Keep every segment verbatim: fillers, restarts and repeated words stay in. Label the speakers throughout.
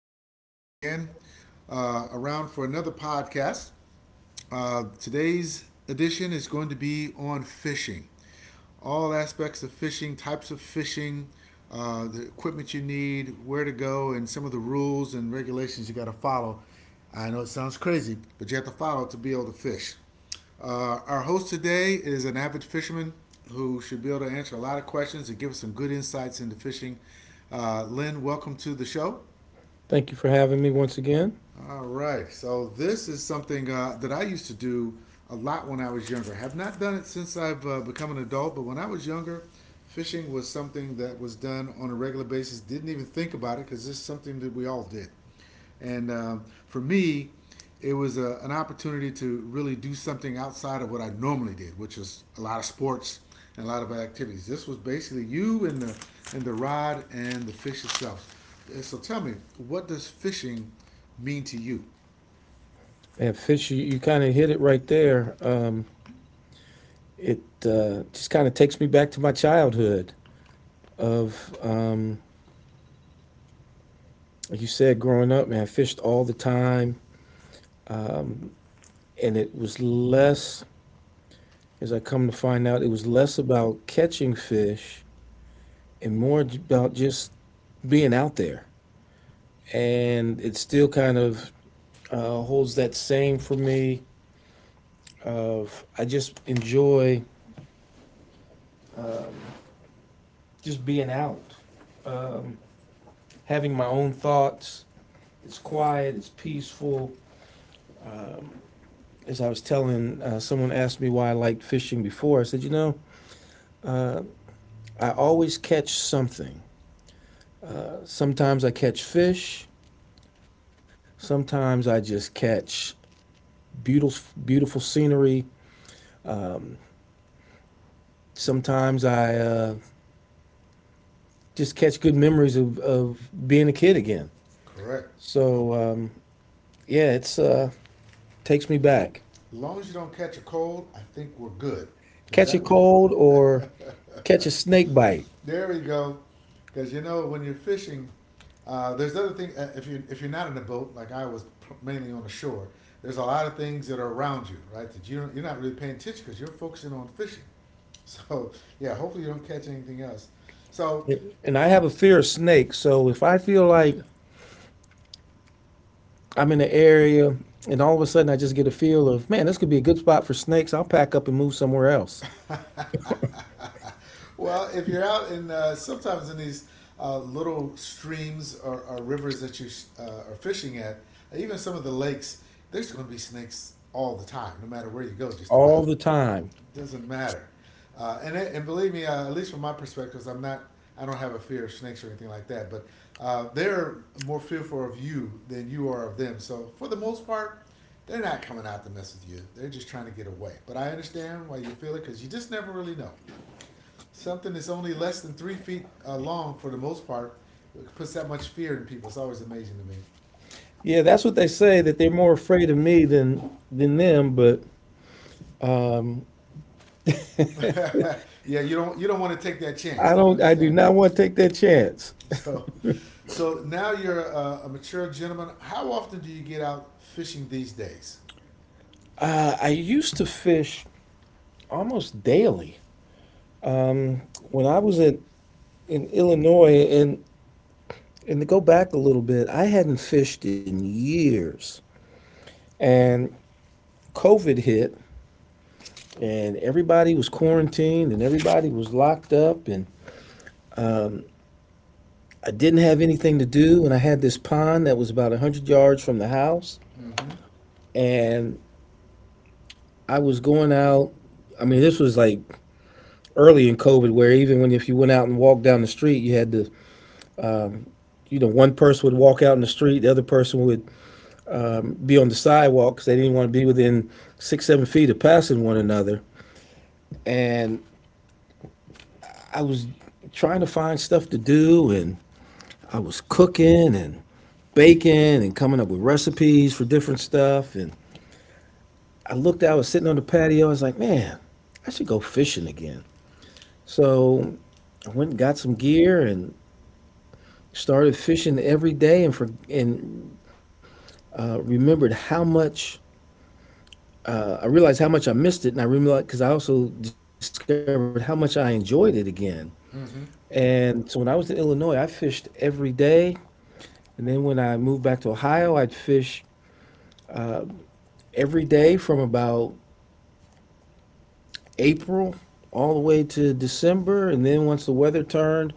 Speaker 1: is Tyson again, uh, around for another podcast. Uh, today's edition is going to be on fishing, all aspects of fishing, types of fishing, uh, the equipment you need, where to go, and some of the rules and regulations you got to follow. I know it sounds crazy, but you have to follow to be able to fish. Uh, our host today is an avid fisherman who should be able to answer a lot of questions and give us some good insights into fishing. Uh, Lynn, welcome to the show.
Speaker 2: Thank you for having me once again.
Speaker 1: All right. So this is something uh, that I used to do a lot when I was younger. I Have not done it since I've uh, become an adult, but when I was younger, fishing was something that was done on a regular basis. Didn't even think about it because this is something that we all did. And uh, For me, it was a, an opportunity to really do something outside of what I normally did, which is a lot of sports and a lot of activities. This was basically you and the and the rod and the fish itself. So tell me, what does fishing mean to you?
Speaker 2: Man, Fish, you, you kind of hit it right there. Um, it uh, just kind of takes me back to my childhood of, um, like you said, growing up, man, I fished all the time. And it was less, as I come to find out, it was less about catching fish and more about just being out there. And it still kind of uh, holds that same for me of I just enjoy just being out, Um, having my own thoughts. It's quiet, it's peaceful. As I was telling, uh, someone asked me why I liked fishing before. I said, you know, I always catch something. Sometimes I catch fish, sometimes I just catch beautiful, beautiful scenery. Sometimes I uh, just catch good memories of, of being a kid again.
Speaker 1: Correct.
Speaker 2: So um, yeah, it's uh, takes me back.
Speaker 1: As long as you don't catch a cold, I think we're good. Because
Speaker 2: Catch a
Speaker 1: that was
Speaker 2: cold or catch a snake bite.
Speaker 1: There we go. Because you know when you're fishing, uh, there's other things. Uh, if you if you're not in a boat, like I was mainly on the shore, there's a lot of things that are around you, right? That you don't, you're not really paying attention because you're focusing on fishing. So yeah, hopefully you don't catch anything else. So,
Speaker 2: And I have a fear of snakes. So if I feel like I'm in an area and all of a sudden I just get a feel of, man, this could be a good spot for snakes, I'll pack up and move somewhere else.
Speaker 1: well, if you're out in uh, sometimes in these uh, little streams or, or rivers that you uh, are fishing at, even some of the lakes, there's going to be snakes all the time, no matter where you go, just about.
Speaker 2: All the time.
Speaker 1: Doesn't matter. Uh, and it, and believe me, uh, at least from my perspective, I'm not. I don't have a fear of snakes or anything like that. But uh, they're more fearful of you than you are of them. So for the most part, they're not coming out to mess with you. They're just trying to get away. But I understand why you feel it because you just never really know. Something that's only less than three feet uh, long for the most part puts that much fear in people. It's always amazing to me.
Speaker 2: Yeah, that's what they say, that they're more afraid of me than than them, but
Speaker 1: Yeah, you don't you don't want to take that
Speaker 2: I
Speaker 1: chance. I
Speaker 2: don't I do
Speaker 1: understand.
Speaker 2: not want to take that chance.
Speaker 1: So So now you're a, a mature gentleman. How often do you get out fishing these days?
Speaker 2: Uh, I used to fish almost daily when I was in in Illinois, and and to go back a little bit, I hadn't fished in years. And COVID hit, and everybody was quarantined, and everybody was locked up, and I didn't have anything to do, and I had this pond that was about one hundred yards from the house.
Speaker 1: Mm-hmm.
Speaker 2: And I was going out, I mean, this was like early in COVID, where even when if you went out and walked down the street, you had to, you know one person would walk out in the street, the other person would be on the sidewalk because they didn't want to be within six seven feet of passing one another. And I was trying to find stuff to do, and I was cooking and baking and coming up with recipes for different stuff. And I looked out, I was sitting on the patio. I was like, man, I should go fishing again. So I went and got some gear and started fishing every day, and for and uh, remembered, how much uh, I realized how much I missed it, and I realized, because I also discovered how much I enjoyed it again.
Speaker 1: Mm-hmm.
Speaker 2: And so when I was in Illinois, I fished every day. And then when I moved back to Ohio, I'd fish every day from about April all the way to December, and then once the weather turned,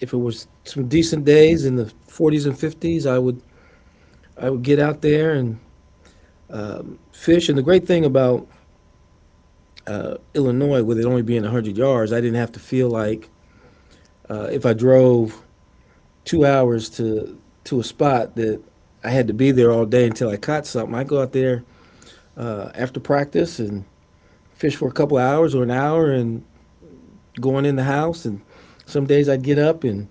Speaker 2: if it was some decent days in the forties and fifties, I would I would get out there and fish. And the great thing about Illinois, with it only being one hundred yards, I didn't have to feel like, uh, if I drove two hours to to a spot that I had to be there all day until I caught something. I go out there uh, after practice and fish for a couple of hours or an hour, and going in the house. And some days I'd get up and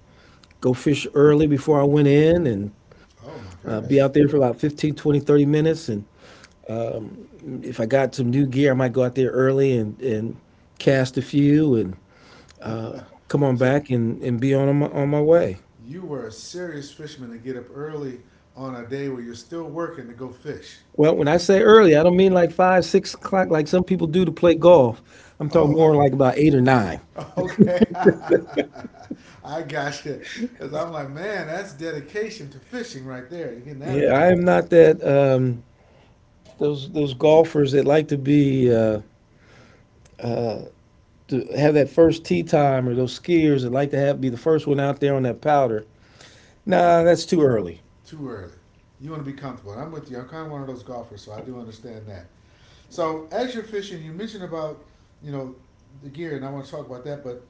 Speaker 2: go fish early before I went in and
Speaker 1: Oh my
Speaker 2: uh, be out there
Speaker 1: goodness!
Speaker 2: for about fifteen, twenty, thirty minutes. And if I got some new gear, I might go out there early and, and cast a few and come on
Speaker 1: So
Speaker 2: back, and, and be on my, on my way.
Speaker 1: you were a serious fisherman to get up early on a day where you're still working to go fish.
Speaker 2: Well, when I say early, I don't mean like five, six o'clock like some people do to play golf. I'm talking
Speaker 1: Oh,
Speaker 2: more like about eight or nine.
Speaker 1: okay. I got you. Cause I'm like, man, that's dedication to fishing right there. You're getting that
Speaker 2: Yeah,
Speaker 1: early,
Speaker 2: I am not that um, those those golfers that like to be uh, to have that first tee time, or those skiers that like to have be the first one out there on that powder. Nah, that's too early.
Speaker 1: too early. You want to be comfortable. And I'm with you. I'm kind of one of those golfers, so I do understand that. So as you're fishing, you mentioned about you know the gear, and I want to talk about that. But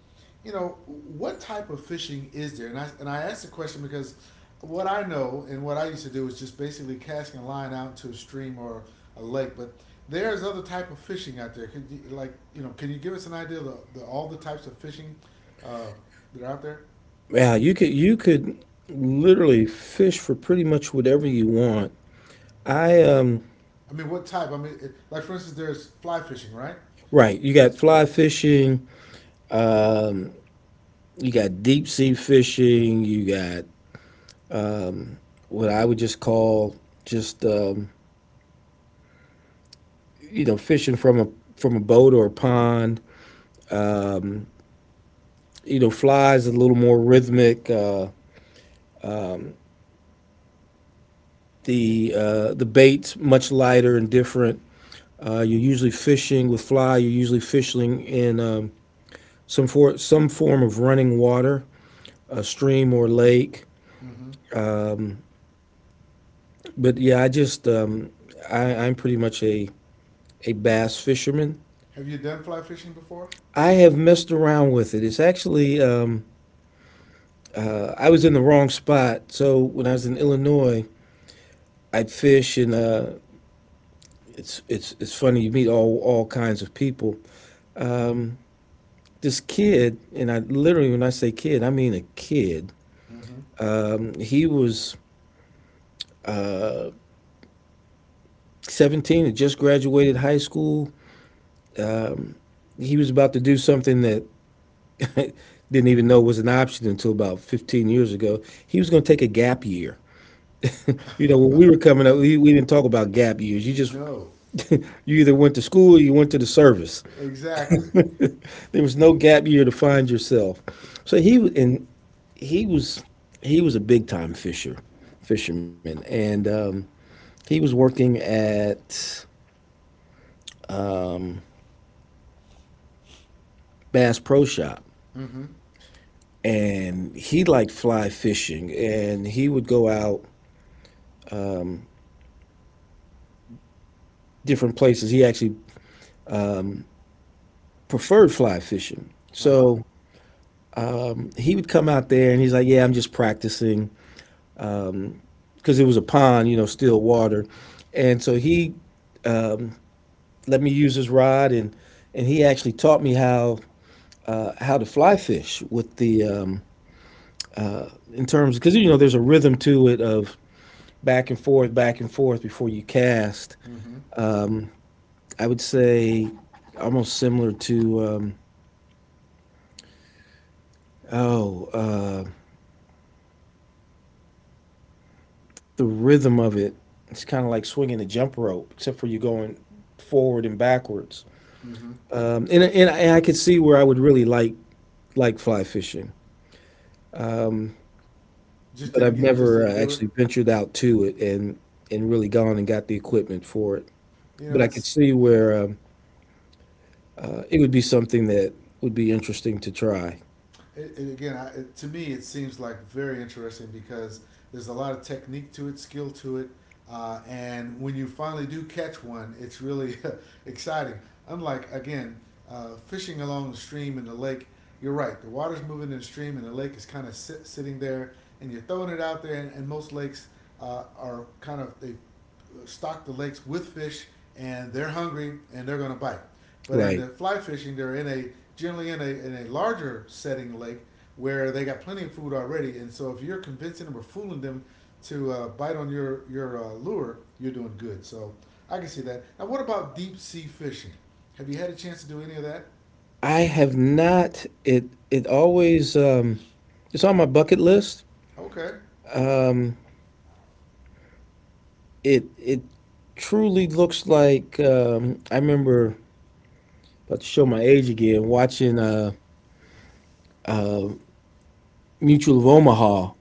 Speaker 1: you know what type of fishing is there? And I and I asked the question because what I know and what I used to do is just basically casting a line out to a stream or a lake. But there's other type of fishing out there. Could you, like you know, can you give us an idea of the, the, all the types of fishing uh, that are out there?
Speaker 2: Yeah, you could you could literally fish for pretty much whatever you want. I um
Speaker 1: I mean, what type? I mean, it, like for instance, there's fly fishing, right?
Speaker 2: Right, you
Speaker 1: And
Speaker 2: got
Speaker 1: it,
Speaker 2: fly fishing, um, you got deep sea fishing, you got what I would just call just um, you know fishing from a from a boat or a pond. Um, you know, Flies a little more rhythmic. Uh,
Speaker 1: it,
Speaker 2: the uh, the baits much lighter and different. Uh, you're usually fishing with fly. You're usually fishing in um, some for some form of running water, a stream or lake.
Speaker 1: mhm.
Speaker 2: But yeah, I just um, I, I'm pretty much a a bass fisherman.
Speaker 1: Have you done fly fishing before?
Speaker 2: I have messed around with it. It's actually, um, uh, I was in the wrong spot. So when I was in Illinois, I'd fish, and uh, it's it's it's funny. You meet all all kinds of people. Um, this kid, and I literally, when I say kid, I mean a kid.
Speaker 1: Mm-hmm.
Speaker 2: Um, he was, uh, seventeen, had just graduated high school. He was about to do something that didn't even know it was an option until about fifteen years ago. He was going to take a gap year. You know, when we were coming up, we, we didn't talk about gap years. You just,
Speaker 1: No.
Speaker 2: you either went to school or you went to the service.
Speaker 1: Exactly.
Speaker 2: There was no gap year to find yourself. So he, and he was, he was a big time fisher, fisherman. And um, he was working at Bass Pro Shop,
Speaker 1: Mm-hmm.
Speaker 2: and he liked fly fishing, and he would go out different places. He actually preferred fly fishing.
Speaker 1: Uh-huh.
Speaker 2: So he would come out there, and he's like, "Yeah, I'm just practicing because it was a pond, you know, still water." And so he let me use his rod, and and he actually taught me how uh, how to fly fish, with the um, in terms because you know there's a rhythm to it of back and forth, back and forth before you cast.
Speaker 1: Mm-hmm.
Speaker 2: I would say almost similar to, um, oh uh, the rhythm of it. It's kind of like swinging a jump rope, except for you going forward and backwards.
Speaker 1: Mm-hmm.
Speaker 2: Um, and, and I- could see where I would really like like fly fishing,
Speaker 1: Just
Speaker 2: but
Speaker 1: didn't
Speaker 2: I've
Speaker 1: get. Just
Speaker 2: never uh,
Speaker 1: didn't do it.
Speaker 2: actually ventured out to it, and and really gone and got the equipment for it.
Speaker 1: You
Speaker 2: But
Speaker 1: know,
Speaker 2: I could
Speaker 1: it's
Speaker 2: see where um, uh, it would be something that would be interesting to try.
Speaker 1: it, it again I, it, to me it seems like very interesting because there's a lot of technique to it skill to it uh, and when you finally do catch one it's really exciting unlike again uh, fishing along the stream and the lake you're right the water's moving in the stream and the lake is kind of sit, sitting there and you're throwing it out there and, and most lakes uh, are kind of they stock the lakes with fish and they're hungry and they're going to bite but in
Speaker 2: Right.
Speaker 1: the fly fishing, they're in a generally in a in a larger setting lake where they got plenty of food already. And so if you're convincing them or fooling them to uh, bite on your your uh, lure, you're doing good. So I can see that. Now, what about deep sea fishing? Have you had a chance to do any of that?
Speaker 2: I have not. It it always um, it's on my bucket list.
Speaker 1: Okay.
Speaker 2: Um, it it truly looks like, um, I remember, about to show my age again, watching uh, Mutual of Omaha,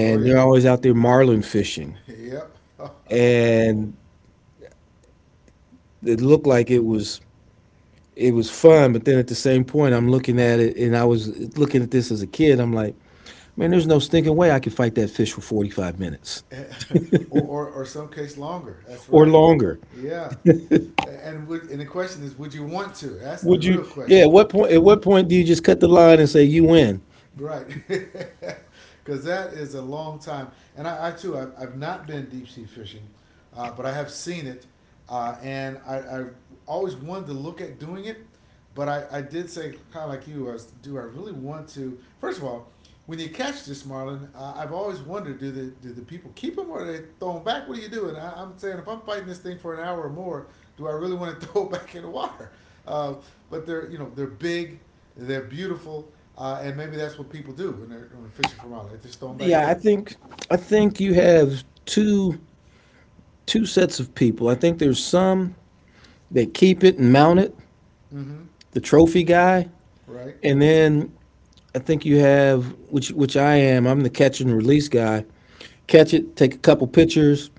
Speaker 1: Oh
Speaker 2: they're
Speaker 1: yeah.
Speaker 2: always out there marlin fishing.
Speaker 1: Yep.
Speaker 2: And it looked like it was it was fun, but then at the same point, I'm looking at it, and I was looking at this as a kid. I'm like, man, there's no stinking way I could fight that fish for forty-five minutes
Speaker 1: or, or or some case longer. That's
Speaker 2: or
Speaker 1: right.
Speaker 2: longer.
Speaker 1: Yeah. And would, and the question is, would you want to? That's the
Speaker 2: Would you?
Speaker 1: real
Speaker 2: Yeah.
Speaker 1: question.
Speaker 2: At what point? At what point do you just cut the line and say you win?
Speaker 1: Right. Because that is a long time. And I, I too, I've, I've not been deep sea fishing, uh, but I have seen it. Uh, and I, I always wanted to look at doing it, but I, I did say, kind of like you, I was, do I really want to? First of all, when you catch this marlin, uh, I've always wondered: do the do the people keep them or do they throw them back? What are you doing? I, I'm saying, if I'm fighting this thing for an hour or more, do I really want to throw it back in the water? Uh, but they're you know they're big, they're beautiful, uh, and maybe that's what people do when they're, when they're fishing for marlin. They just throw them back
Speaker 2: Yeah, I
Speaker 1: in.
Speaker 2: think I think you have two two sets of people. I think there's some that keep it and mount it,
Speaker 1: Mm-hmm.
Speaker 2: the trophy guy,
Speaker 1: Right.
Speaker 2: and then I think you have, which which I am. I'm the catch and release guy. Catch it, take a couple pictures,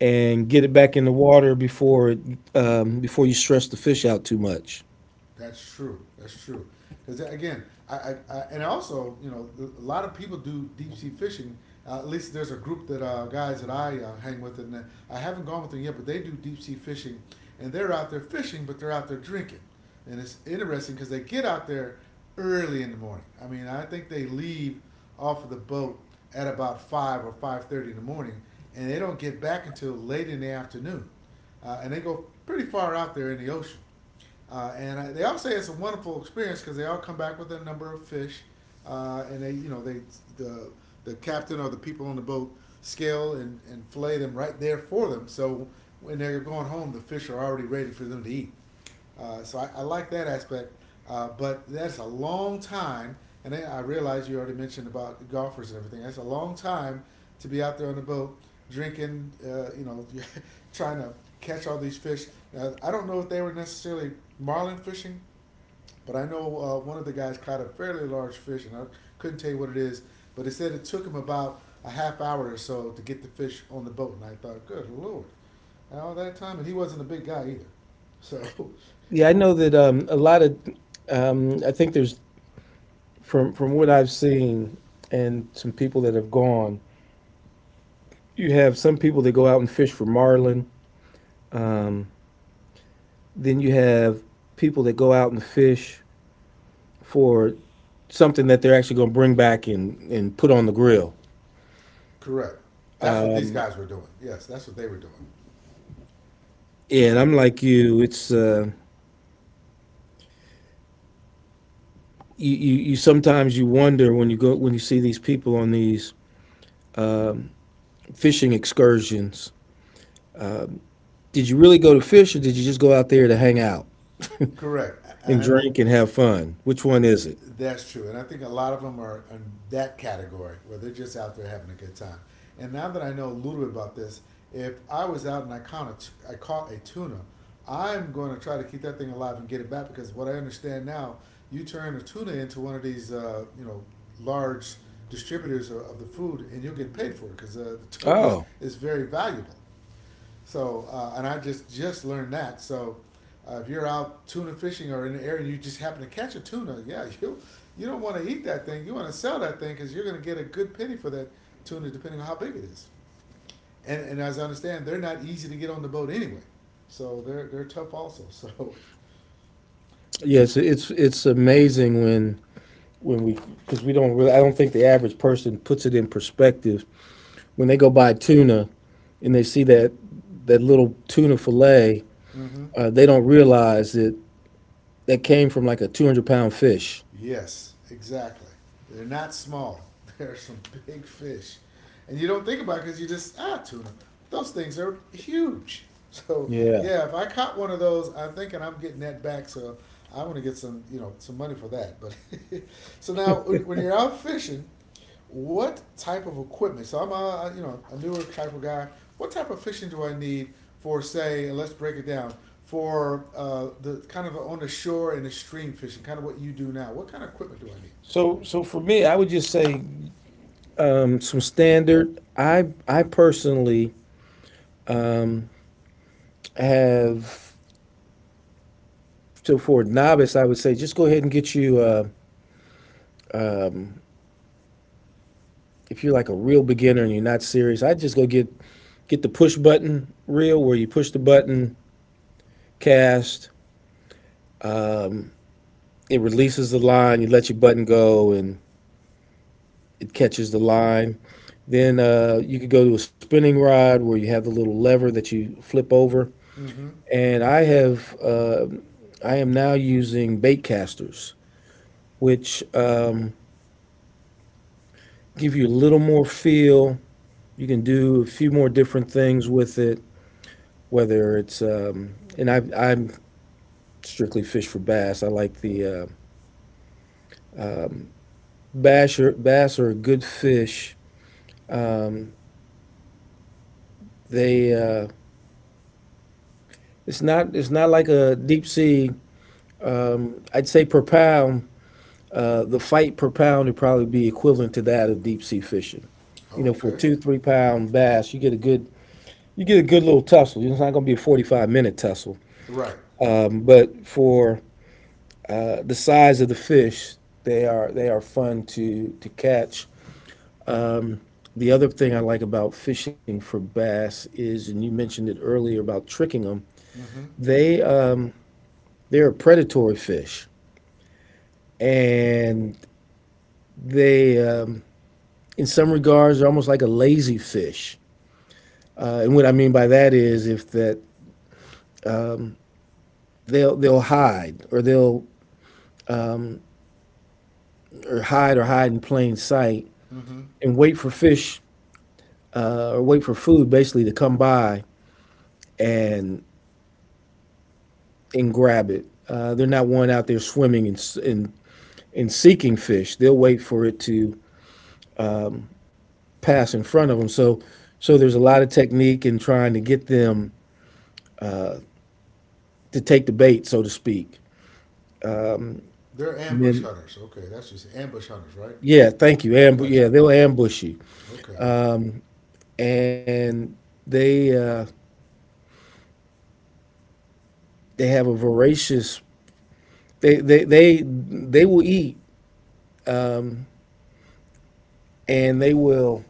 Speaker 2: and get it back in the water before it, um, before you stress the fish out too much.
Speaker 1: That's true. That's true. Because again, I, I, I and also you know a lot of people do deep sea fishing. Uh, at least there's a group that uh, guys that I uh, hang with, and uh, I haven't gone with them yet, but they do deep sea fishing, and they're out there fishing, but they're out there drinking, and it's interesting because they get out there early in the morning. I mean, I think they leave off of the boat at about five or five thirty in the morning, and they don't get back until late in the afternoon, uh, and they go pretty far out there in the ocean. Uh, and I, they all say it's a wonderful experience because they all come back with a number of fish, uh, and they you know they the the captain or the people on the boat scale and, and fillet them right there for them. So when they're going home, the fish are already ready for them to eat. Uh, so I, I like that aspect, uh, but that's a long time. And I realize you already mentioned about golfers and everything. That's a long time to be out there on the boat drinking, uh, you know, trying to catch all these fish. Now, I don't know if they were necessarily marlin fishing, but I know uh, one of the guys caught a fairly large fish, and I couldn't tell you what it is. But it said it took him about a half hour or so to get the fish on the boat, and I thought, good lord, all that time, and he wasn't a big guy either. So,
Speaker 2: Yeah, I know that, um, a lot of. Um, I think there's, from from what I've seen and some people that have gone. You have some people that go out and fish for marlin. Then you have people that go out and fish for something that they're actually going to bring back and and put on the grill.
Speaker 1: correct. That's what these guys were doing. Yes, that's what they were doing.
Speaker 2: And
Speaker 1: They're,
Speaker 2: I'm like you. It's uh, you, you, you sometimes you wonder, when you go when you see these people on these fishing excursions, did you really go to fish, or did you just go out there to hang out
Speaker 1: correct, and
Speaker 2: and
Speaker 1: I think
Speaker 2: drink and have fun? Which one is it?
Speaker 1: that's true, and I think a lot of them are in that category where they're just out there having a good time. And now that I know a little bit about this, if I was out and I caught a I caught a tuna, I'm going to try to keep that thing alive and get it back because what I understand now, you turn a tuna into one of these, uh, you know, large distributors of, of the food, and you'll get paid for it because uh, the tuna is,
Speaker 2: Oh,
Speaker 1: is very valuable. So, uh, and I just just learned that. So, uh, if you're out tuna fishing or in the area and you just happen to catch a tuna, yeah, you you don't want to eat that thing. You want to sell that thing because you're going to get a good penny for that tuna, depending on how big it is. And, and as I understand, they're not easy to get on the boat anyway, so they're they're tough also. So,
Speaker 2: yes, it's it's amazing when when we because we don't really, I don't think the average person puts it in perspective when they go buy tuna, and they see that, that little tuna fillet,
Speaker 1: mm-hmm.
Speaker 2: uh, they don't realize that that came from like a two hundred pound fish.
Speaker 1: Yes, exactly. They're not small. They're some big fish, and you don't think about it because you just ah tuna. Those things are huge. So
Speaker 2: Yeah.
Speaker 1: yeah, if I caught one of those, I'm thinking I'm getting that back. So I want to get some you know some money for that. But so now when, when you're out fishing, what type of equipment? So I'm a you know a newer type of guy. What type of fishing do I need for say? And let's break it down for uh, the kind of on the shore and the stream fishing, kind of what you do now. What kind of equipment do I need?
Speaker 2: So so for me, I would just say, um, some standard. I I personally, um, have, so for a novice, I would say just go ahead and get you. Uh, if you're like a real beginner and you're not serious, I just go get get the push button reel where you push the button, cast, it releases the line, you let your button go, and it catches the line. Then uh, you could go to a spinning rod where you have the little lever that you flip over.
Speaker 1: Mm-hmm.
Speaker 2: And I have uh, I am now using bait casters, which um, give you a little more feel. You can do a few more different things with it, whether it's um, and I, I'm strictly fish for bass. I like the uh, bass or bass are a good fish. They uh, it's not it's not like a deep sea. Um, I'd say per pound, uh, the fight per pound would probably be equivalent to that of deep sea fishing. You know,
Speaker 1: Oh,
Speaker 2: for a
Speaker 1: okay.
Speaker 2: two three pound bass, you get a good you get a good little tussle. It's not going to be a forty five minute tussle,
Speaker 1: Right.
Speaker 2: but for the size of the fish they are they are fun to to catch. The other thing I like about fishing for bass is, and you mentioned it earlier, about tricking them.
Speaker 1: Mm-hmm.
Speaker 2: they um, they're a predatory fish, and they um, in some regards are almost like a lazy fish. uh, and what I mean by that is if that they'll they'll hide, or they'll or hide or hide in plain sight
Speaker 1: Mm-hmm.
Speaker 2: and wait for fish, uh, or wait for food basically to come by and and grab it. Uh, they're not one out there swimming and, and and seeking fish. They'll wait for it to pass in front of them. So so there's a lot of technique in trying to get them to take the bait, so to speak.
Speaker 1: They're
Speaker 2: And
Speaker 1: ambush
Speaker 2: then
Speaker 1: hunters. Okay, that's just ambush hunters, right?
Speaker 2: yeah, thank you. Amb-
Speaker 1: Gotcha.
Speaker 2: yeah, they'll ambush you,
Speaker 1: Okay.
Speaker 2: and they uh, they have a voracious. They they they they will eat, and they will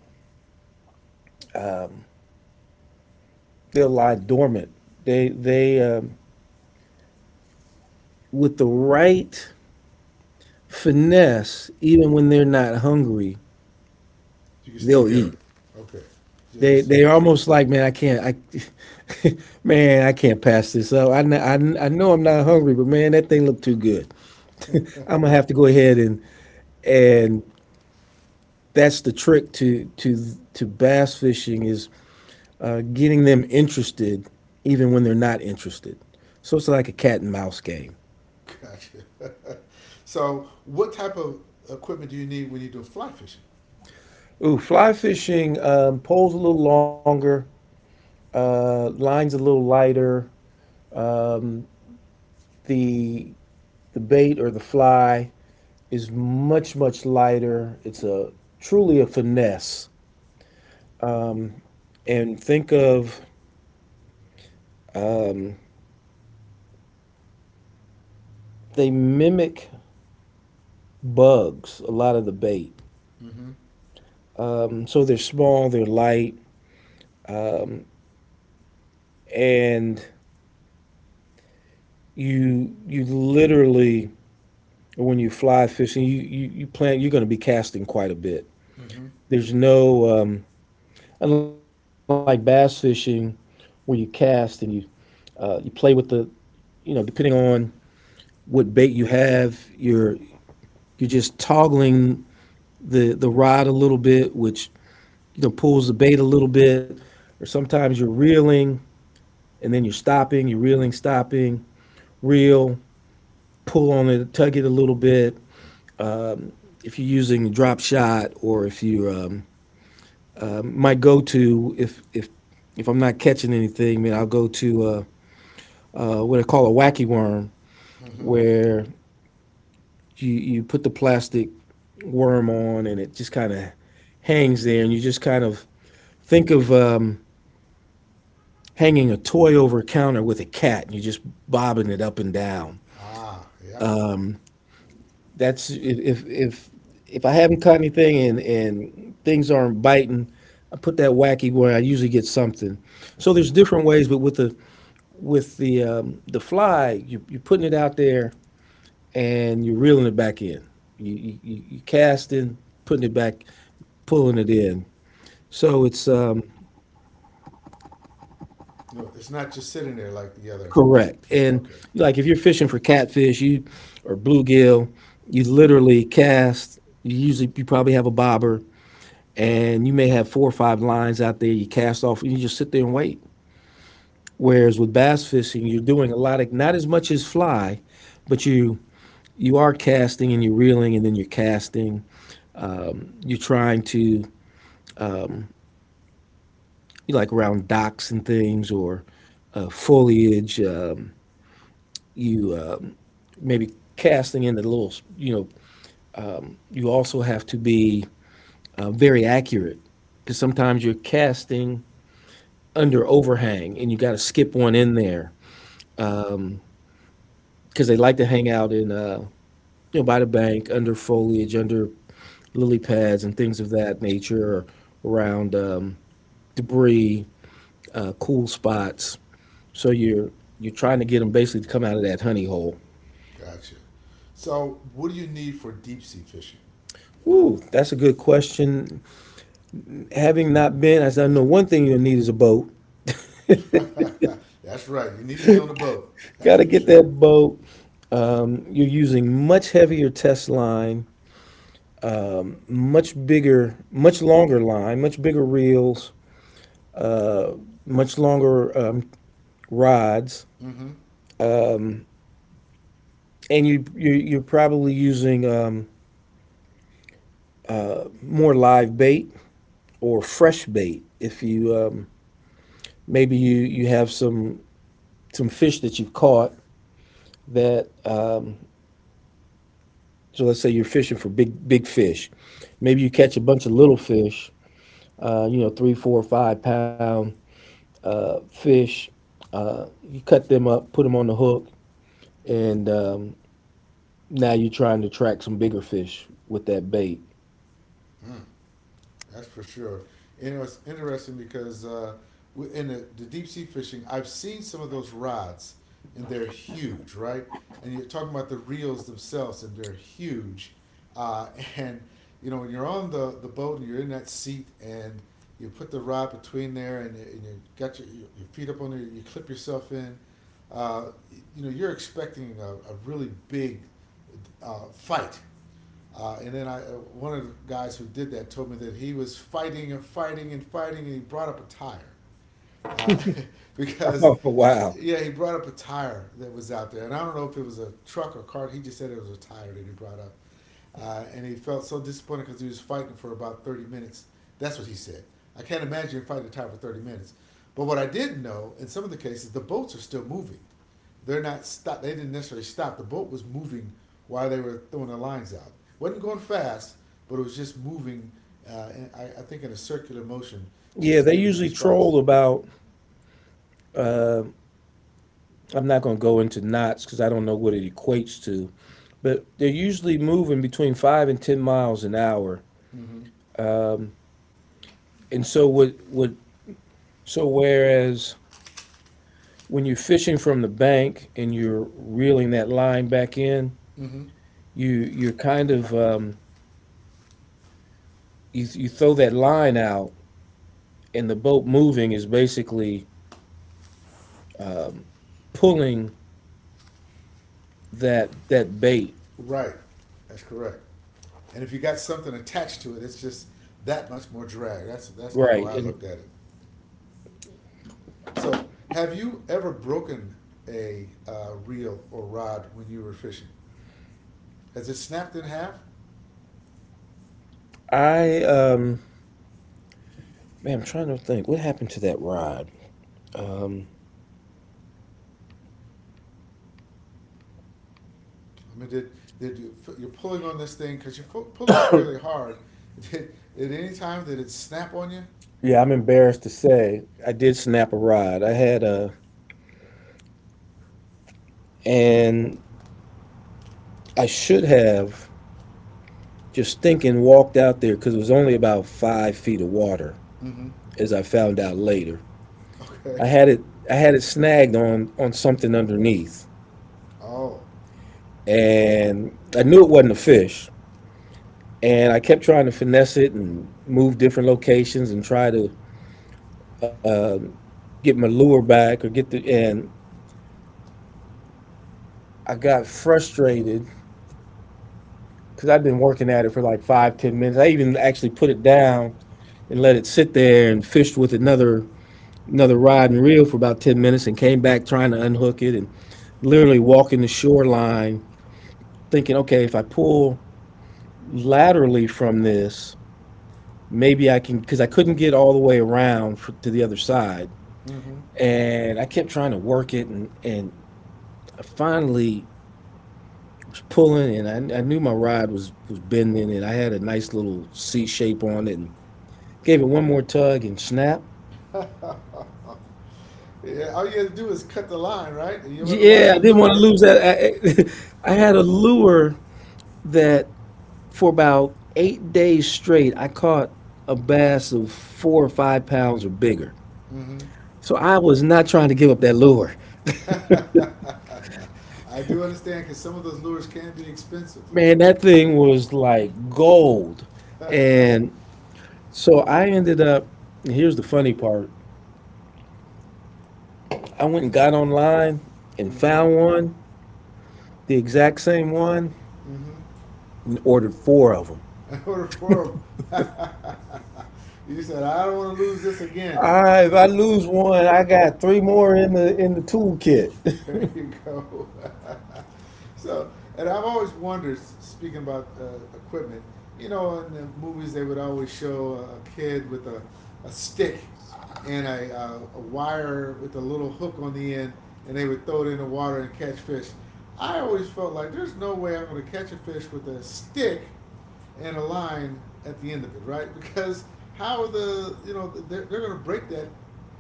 Speaker 2: they'll lie dormant. They they um, with the right finesse, even when they're not hungry,
Speaker 1: You can still
Speaker 2: they'll
Speaker 1: get them.
Speaker 2: eat.
Speaker 1: Okay. You
Speaker 2: They
Speaker 1: just
Speaker 2: they're almost like, man, I can't, I, man, I can't pass this up. I, kn- I, kn- I know I'm not hungry, but man, that thing looked too good. I'm gonna have to go ahead and and that's the trick to to to bass fishing is uh, getting them interested even when they're not interested. So it's like a cat and mouse game.
Speaker 1: gotcha. So, what type of equipment do you need when you do fly fishing?
Speaker 2: Ooh, fly fishing, um, poles a little longer, uh, lines a little lighter. Um, the the bait or the fly is much much lighter. It's a truly a finesse. And think of, they mimic bugs, a lot of the bait.
Speaker 1: Mm-hmm.
Speaker 2: Um, so they're small, they're light, and you you literally when you fly fishing, you you, you plan you're going to be casting quite a bit.
Speaker 1: Mm-hmm.
Speaker 2: There's no um, unlike bass fishing, where you cast and you uh, you play with the, you know, depending on what bait you have, you're you're just toggling the the rod a little bit, which, you know, pulls the bait a little bit, or sometimes you're reeling and then you're stopping, you're reeling, stopping, reel, pull on it, tug it a little bit. If you're using a drop shot, or if you um, my go-to, if if if I'm not catching anything, man, I'll go to uh, uh, what I call a wacky worm,
Speaker 1: Mm-hmm.
Speaker 2: where you you put the plastic worm on and it just kind of hangs there, and you just kind of think of um, hanging a toy over a counter with a cat and you're just bobbing it up and down.
Speaker 1: Ah, yep.
Speaker 2: That's if if if, if I haven't caught anything and and things aren't biting, I put that wacky where I usually get something. So there's different ways, but with the with the um, the fly, you, you're putting it out there and you're reeling it back in. You you, you casting, putting it back, pulling it in. So it's um,
Speaker 1: You know, it's not just sitting there like the other
Speaker 2: correct.
Speaker 1: fish.
Speaker 2: And
Speaker 1: Okay,
Speaker 2: like if you're fishing for catfish, you or bluegill, you literally cast. You usually you probably have a bobber, and you may have four or five lines out there. You cast off, and you just sit there and wait. Whereas with bass fishing, you're doing a lot of, not as much as fly, but you you are casting and you're reeling, and then you're casting. Um, you're trying to, you, like around docks and things, or uh, foliage. Um, you um Maybe casting into little, you know, you also have to be uh, very accurate because sometimes you're casting under overhang and you got to skip one in there because they like to hang out in, uh, you know, by the bank, under foliage, under lily pads and things of that nature, or around um, debris, uh, cool spots. So you're you're trying to get them basically to come out of that honey hole.
Speaker 1: gotcha. So, what do you need for deep sea fishing?
Speaker 2: Ooh, that's a good question. Having not been, I said, I know one thing you'll need is a boat.
Speaker 1: That's right. You need to be on a boat.
Speaker 2: Got
Speaker 1: That's
Speaker 2: to
Speaker 1: for
Speaker 2: get that
Speaker 1: sure.
Speaker 2: boat. You're using much heavier test line, much bigger, much longer line, much bigger reels, much longer um, rods,
Speaker 1: Mm-hmm.
Speaker 2: and you, you you're probably using um, more live bait or fresh bait. If you um, maybe you you have some some fish that you've caught that um, so let's say you're fishing for big big fish, maybe you catch a bunch of little fish, uh, you know, three, four, five pound uh, fish. Uh, you cut them up, put them on the hook, and um, now you're trying to track some bigger fish with that bait.
Speaker 1: Mm. That's for sure. And it's interesting because uh, in the, the deep sea fishing, I've seen some of those rods, and they're huge, right? And you're talking about the reels themselves, and they're huge. Uh, and you know, when you're on the, the boat and you're in that seat, and you put the rod between there, and you, and you got your, your your feet up on there, you clip yourself in. Uh, you know, you're expecting a, a really big uh, fight uh, and then I, uh, one of the guys who did that told me that he was fighting and fighting and fighting, and he brought up a tire uh, because
Speaker 2: Oh,
Speaker 1: uh,
Speaker 2: wow.
Speaker 1: yeah, he brought up a tire that was out there, and I don't know if it was a truck or cart. He just said it was a tire that he brought up, uh, and he felt so disappointed because he was fighting for about thirty minutes. That's what he said. I can't imagine fighting a tire for thirty minutes. But what I didn't know, in some of the cases, the boats are still moving. They're not stop. They didn't necessarily stop. The boat was moving while they were throwing the lines out. It wasn't going fast, but it was just moving. Uh, and I, I think in a circular motion, just
Speaker 2: Yeah,
Speaker 1: to
Speaker 2: they
Speaker 1: get in
Speaker 2: usually
Speaker 1: different spots.
Speaker 2: troll about. I'm not going to go into knots because I don't know what it equates to, but they're usually moving between five and ten miles an hour.
Speaker 1: Mm-hmm.
Speaker 2: Um, and so what? What? So whereas when you're fishing from the bank and you're reeling that line back in,
Speaker 1: Mm-hmm.
Speaker 2: you you're kind of um, you, you throw that line out, and the boat moving is basically um, pulling that that bait.
Speaker 1: Right. That's correct. And if you got something attached to it, it's just that much more drag. That's that's kind of
Speaker 2: Right.
Speaker 1: how I looked
Speaker 2: And
Speaker 1: at it. So, have you ever broken a uh, reel or rod when you were fishing? Has it snapped in half?
Speaker 2: I um man, I'm trying to think. What happened to that rod? Um
Speaker 1: I mean, did did you, you're pulling on this thing because you're fu- pulling fairly hard? Did at any time did it snap on you?
Speaker 2: yeah, I'm embarrassed to say I did snap a rod. I had a, and I should have, just thinking, walked out there because it was only about five feet of water,
Speaker 1: Mm-hmm.
Speaker 2: as I found out later.
Speaker 1: Okay.
Speaker 2: I had it I had it snagged on on something underneath.
Speaker 1: Oh.
Speaker 2: And I knew it wasn't a fish. And I kept trying to finesse it and move different locations and try to, uh, get my lure back or get the, and I got frustrated because I'd been working at it for like five ten minutes. I even actually put it down and let it sit there and fished with another another rod and reel for about ten minutes and came back trying to unhook it and literally walking the shoreline thinking, okay, if I pull laterally from this, maybe I can, because I couldn't get all the way around for, to the other side, and I kept trying to work it and and I finally was pulling and I, I knew my rod was was bending and I had a nice little C shape on it, and gave it one more tug and snap.
Speaker 1: Mm-hmm. Yeah, all you had to do is cut the line, right? And you would have lost
Speaker 2: Yeah, I
Speaker 1: your
Speaker 2: didn't want to
Speaker 1: lure.
Speaker 2: lose that. I, I had a lure that for about eight days straight, I caught a bass of four or five pounds or bigger.
Speaker 1: Mm-hmm.
Speaker 2: So I was not trying to give up that lure.
Speaker 1: I do understand because some of those lures can be expensive.
Speaker 2: Man, that thing was like gold.
Speaker 1: Mm-hmm.
Speaker 2: And so I ended up, and here's the funny part, I went and got online and found one, the exact same one,
Speaker 1: Mm-hmm.
Speaker 2: and ordered four of them.
Speaker 1: I ordered for 'em. You said, I don't want to lose this again.
Speaker 2: I, if I lose one, I got three more in the in the toolkit.
Speaker 1: There you go. So, and I've always wondered, speaking about uh, equipment, you know, in the movies they would always show a- a kid with a, a stick and a, uh, a wire with a little hook on the end, and they would throw it in the water and catch fish. I always felt like there's no way I'm going to catch a fish with a stick and a line at the end of it, right? Because how are the you know they're, they're going to break that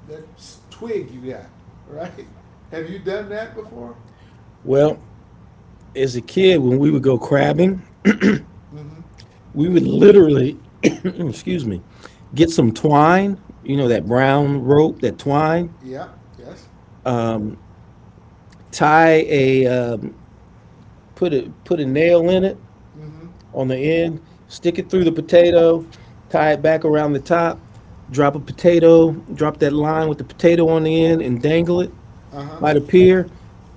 Speaker 1: that twig you got, right? Have you done that before?
Speaker 2: Well, as a kid, when we would go crabbing,
Speaker 1: Mm-hmm.
Speaker 2: we would literally, excuse me, get some twine, you know, that brown rope, that twine,
Speaker 1: Yeah. Yes.
Speaker 2: tie a, um, put a, put a nail in it
Speaker 1: Mm-hmm.
Speaker 2: on the end, stick it through the potato, tie it back around the top, drop a potato, drop that line with the potato on the end and dangle it
Speaker 1: Uh huh.
Speaker 2: by the pier.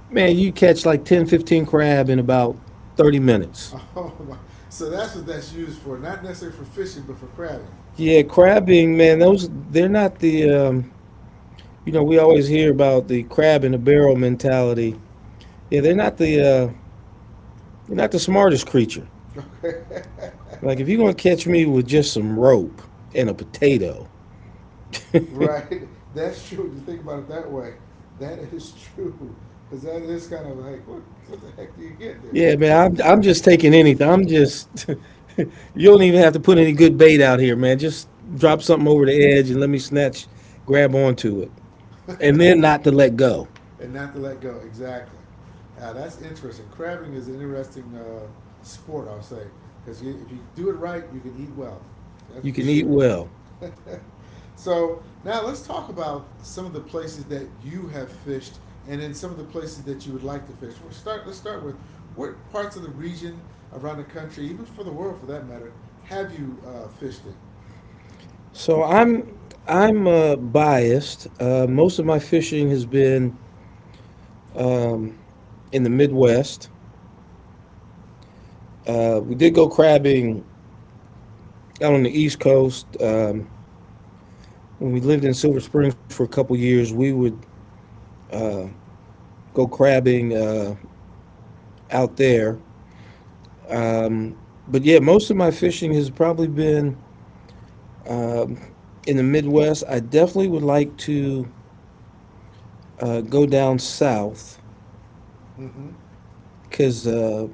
Speaker 2: Man, you catch like ten, fifteen crab in about thirty minutes.
Speaker 1: Oh my! So that's what that's used for, not necessarily for fishing, but for crabbing.
Speaker 2: Yeah, crabbing, man, those, they're not the um, you know, we always hear about the crab in a barrel mentality. Yeah, they're not the uh, they're not the smartest creature.
Speaker 1: Okay.
Speaker 2: Like if you're gonna catch me with just some rope and a potato,
Speaker 1: Right. That's true. When you think about it that way, that is true. Because that is kind of like, what, what the heck do you get there?
Speaker 2: yeah, man, I'm I'm just taking anything. I'm just you don't even have to put any good bait out here, man. Just drop something over the edge and let me snatch, grab onto it, and then not to let go.
Speaker 1: And not to let go. Exactly. Now, that's interesting. Crabbing is an interesting uh, sport, I'll say, because you, if you do it right, you can eat well. That's
Speaker 2: You
Speaker 1: for
Speaker 2: can eat
Speaker 1: sure.
Speaker 2: well.
Speaker 1: So now let's talk about some of the places that you have fished, and then some of the places that you would like to fish. We'll start. Let's start with what parts of the region around the country, even for the world for that matter, have you uh, fished in?
Speaker 2: So I'm I'm uh, biased. Uh, most of my fishing has been in the Midwest. Uh, we did go crabbing out on the East Coast. Um, when we lived in Silver Springs for a couple years, we would go crabbing uh, out there. But yeah, most of my fishing has probably been in the Midwest. I definitely would like to uh, go down south
Speaker 1: Mm-hmm.
Speaker 2: because uh,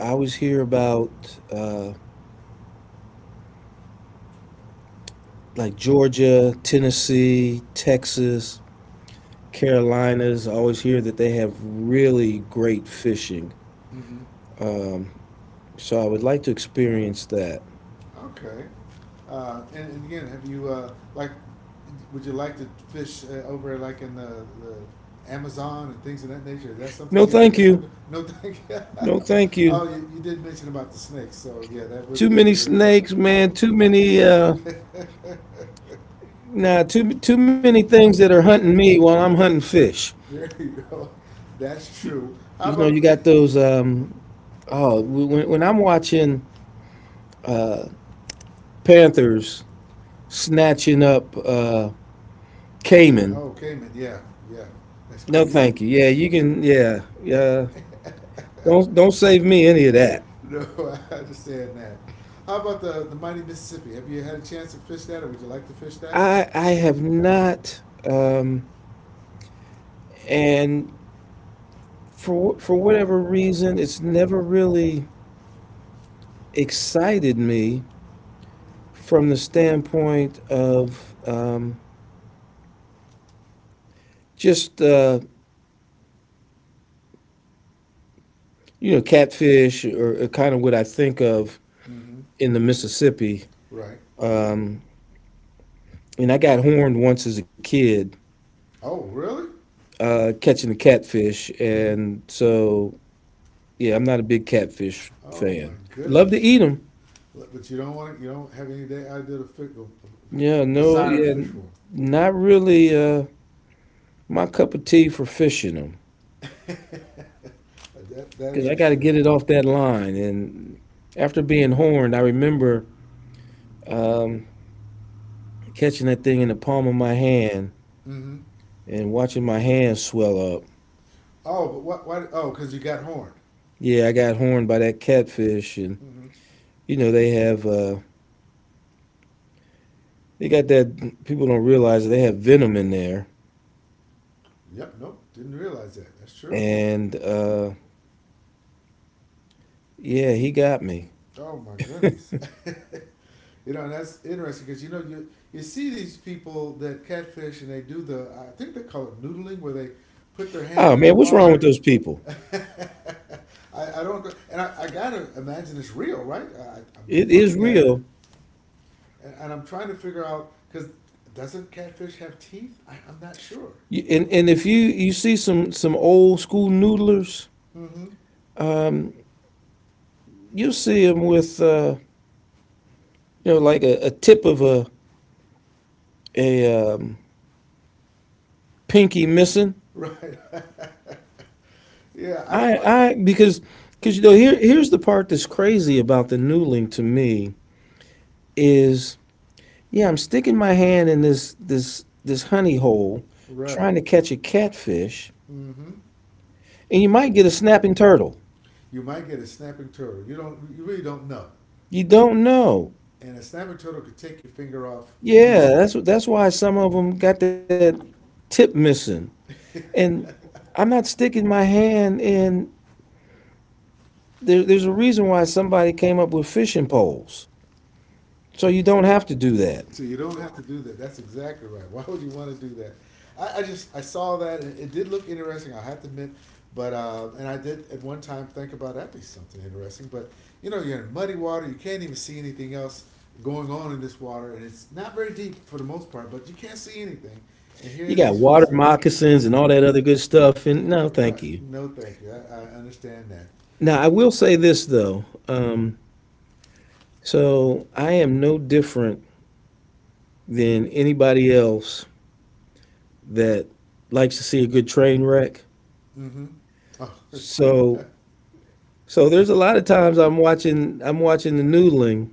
Speaker 2: I always hear about uh, like Georgia, Tennessee, Texas. Carolinas, I always hear that they have really great fishing.
Speaker 1: Mm-hmm.
Speaker 2: Um, so I would like to experience that.
Speaker 1: Okay. Uh, and, and again, have you uh, like? Would you like to fish uh, over like in the, the Amazon and things of that nature? Is that something
Speaker 2: No,
Speaker 1: you ever
Speaker 2: thank
Speaker 1: interested?
Speaker 2: you.
Speaker 1: No, thank you.
Speaker 2: No, thank you.
Speaker 1: Oh, you, you did mention about the snakes, so yeah, that
Speaker 2: Too
Speaker 1: wouldn't be
Speaker 2: many
Speaker 1: very fun.
Speaker 2: snakes, man. Too many. Uh, nah, too too many things that are hunting me while I'm hunting fish.
Speaker 1: There you go. That's true.
Speaker 2: You
Speaker 1: How
Speaker 2: know,
Speaker 1: about?
Speaker 2: you got those. Um, oh, when, when I'm watching panthers snatching up uh, caiman.
Speaker 1: Oh, Cayman. Yeah, yeah. That's great.
Speaker 2: No,
Speaker 1: You.
Speaker 2: thank you. Yeah, you can. Yeah, yeah. Don't don't save me any of that.
Speaker 1: No, I understand that. How about the the mighty Mississippi? Have you had a chance to fish that, or would you like to fish that?
Speaker 2: I I have not, um, and for for whatever reason, it's never really excited me from the standpoint of um, just uh, you know catfish or, or kind of what I think of
Speaker 1: Mm-hmm.
Speaker 2: in the Mississippi.
Speaker 1: Right.
Speaker 2: Um, and I got horned once as a kid
Speaker 1: Oh, really?
Speaker 2: uh, catching the catfish,
Speaker 1: Mm-hmm.
Speaker 2: and so yeah, I'm not a big catfish
Speaker 1: Oh my
Speaker 2: fan. Love to
Speaker 1: goodness!
Speaker 2: eat them.
Speaker 1: But but you don't want it. You don't have any day idea to fi- of- of-
Speaker 2: Yeah, no,
Speaker 1: desire to
Speaker 2: yeah,
Speaker 1: fish for
Speaker 2: n-
Speaker 1: 'em.
Speaker 2: not really. Uh, my cup of tea for fishing them
Speaker 1: That that is
Speaker 2: because I
Speaker 1: for
Speaker 2: got to
Speaker 1: sure.
Speaker 2: get it off that line. And after being horned, I remember um, catching that thing in the palm of my hand
Speaker 1: Mm-hmm.
Speaker 2: and watching my hand swell up.
Speaker 1: Oh, but what? Why? Oh, because you got horned.
Speaker 2: Yeah, I got horned by that catfish, and
Speaker 1: Mm-hmm.
Speaker 2: you know they have uh, they got that people don't realize that they have venom in there.
Speaker 1: Yep. Nope. Didn't realize that. That's true.
Speaker 2: And uh, yeah, he got me.
Speaker 1: Oh my goodness. You know, and that's interesting because you know you you see these people that catfish and they do the I think they call it noodling where they put their
Speaker 2: Oh man,
Speaker 1: hand in
Speaker 2: what's
Speaker 1: the
Speaker 2: wrong with those
Speaker 1: water.
Speaker 2: people?
Speaker 1: I, I don't and I, I gotta imagine it's real, right? I, I'm
Speaker 2: It is
Speaker 1: looking at it
Speaker 2: real.
Speaker 1: and, and I'm trying to figure out because doesn't catfish have teeth? I, I'm not sure.
Speaker 2: You- And and if you you see some some old school noodlers.
Speaker 1: Mm-hmm.
Speaker 2: You see them with, uh, you know, like a, a tip of a a um, pinky missing.
Speaker 1: Right. Yeah, I don't
Speaker 2: I
Speaker 1: put.
Speaker 2: I because because you know here here's the part that's crazy about the noodling to me is yeah, I'm sticking my hand in this this this honey hole
Speaker 1: Right.
Speaker 2: trying to catch a catfish,
Speaker 1: Mm-hmm.
Speaker 2: and you might get a snapping turtle.
Speaker 1: You might get a snapping turtle. You don't. You really don't know.
Speaker 2: You don't know.
Speaker 1: And a snapper turtle could take your finger off
Speaker 2: Yeah,
Speaker 1: easily.
Speaker 2: that's what that's why some of them got that tip missing and. I'm not sticking my hand in there, there's a reason why somebody came up with fishing poles. So you don't have to do that.
Speaker 1: So you don't have to do that. That's exactly right. Why would you want to do that? I, I just I saw that and it did look interesting. I have to admit, but uh, and I did at one time think about that'd be something interesting. But you know you're in muddy water. You can't even see anything else going on in this water, and it's not very deep for the most part. But you can't see anything. And here
Speaker 2: You
Speaker 1: are
Speaker 2: got
Speaker 1: these folks
Speaker 2: water
Speaker 1: that are,
Speaker 2: moccasins and all that
Speaker 1: you
Speaker 2: other good stuff. And no, thank
Speaker 1: right.
Speaker 2: you.
Speaker 1: No, thank you. I, I understand that.
Speaker 2: Now, I will say this, though. Um, so I am no different than anybody else that likes to see a good train wreck.
Speaker 1: Mm-hmm. Oh.
Speaker 2: So, so there's a lot of times I'm watching, I'm watching the noodling,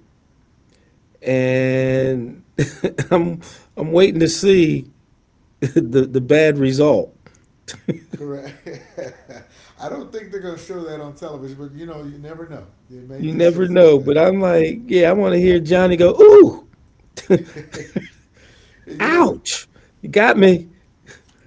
Speaker 2: and I'm, I'm waiting to see the, the bad result.
Speaker 1: Correct. I don't think they're gonna show that on television, but you know, you never know. They
Speaker 2: You
Speaker 1: may just
Speaker 2: never
Speaker 1: show some of
Speaker 2: know,
Speaker 1: that.
Speaker 2: but I'm like, yeah, I want to hear Johnny go, ooh,
Speaker 1: You know,
Speaker 2: ouch, you got me.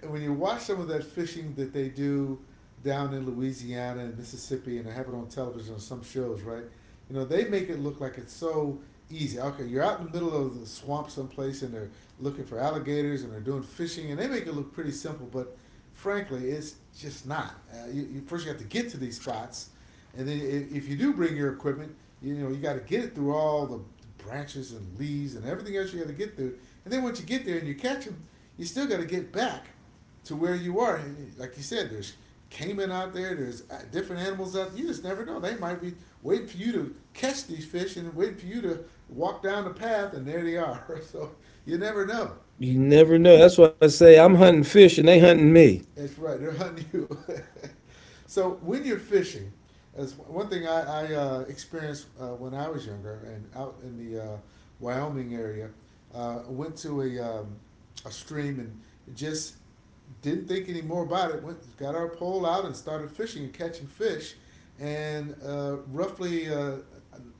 Speaker 1: when you watch some of that fishing that they do down in Louisiana and Mississippi, and they have it on television on some shows, right? You know, they make it look like it's so easy. Okay, you're out in the middle of the swamp someplace, and they're looking for alligators, and they're doing fishing, and they make it look pretty simple, but frankly, it's just not. Uh, you, you first you have to get to these spots, and then if, if you do bring your equipment, you know you got to get it through all the branches and leaves and everything else you got to get through. And then once you get there and you catch them, you still got to get back to where you are. And like you said, there's caiman out there. There's uh, different animals out there. You just never know. They might be waiting for you to catch these fish and waiting for you to walk down the path, and there they are. So you never know.
Speaker 2: You never know. That's why I say I'm hunting fish and they hunting me.
Speaker 1: That's right. They're hunting you. So when you're fishing, as one thing I, I uh, experienced uh, when I was younger and out in the uh, Wyoming area, uh, went to a um, a stream and just didn't think any more about it. Went got our pole out and started fishing and catching fish, and uh, roughly uh,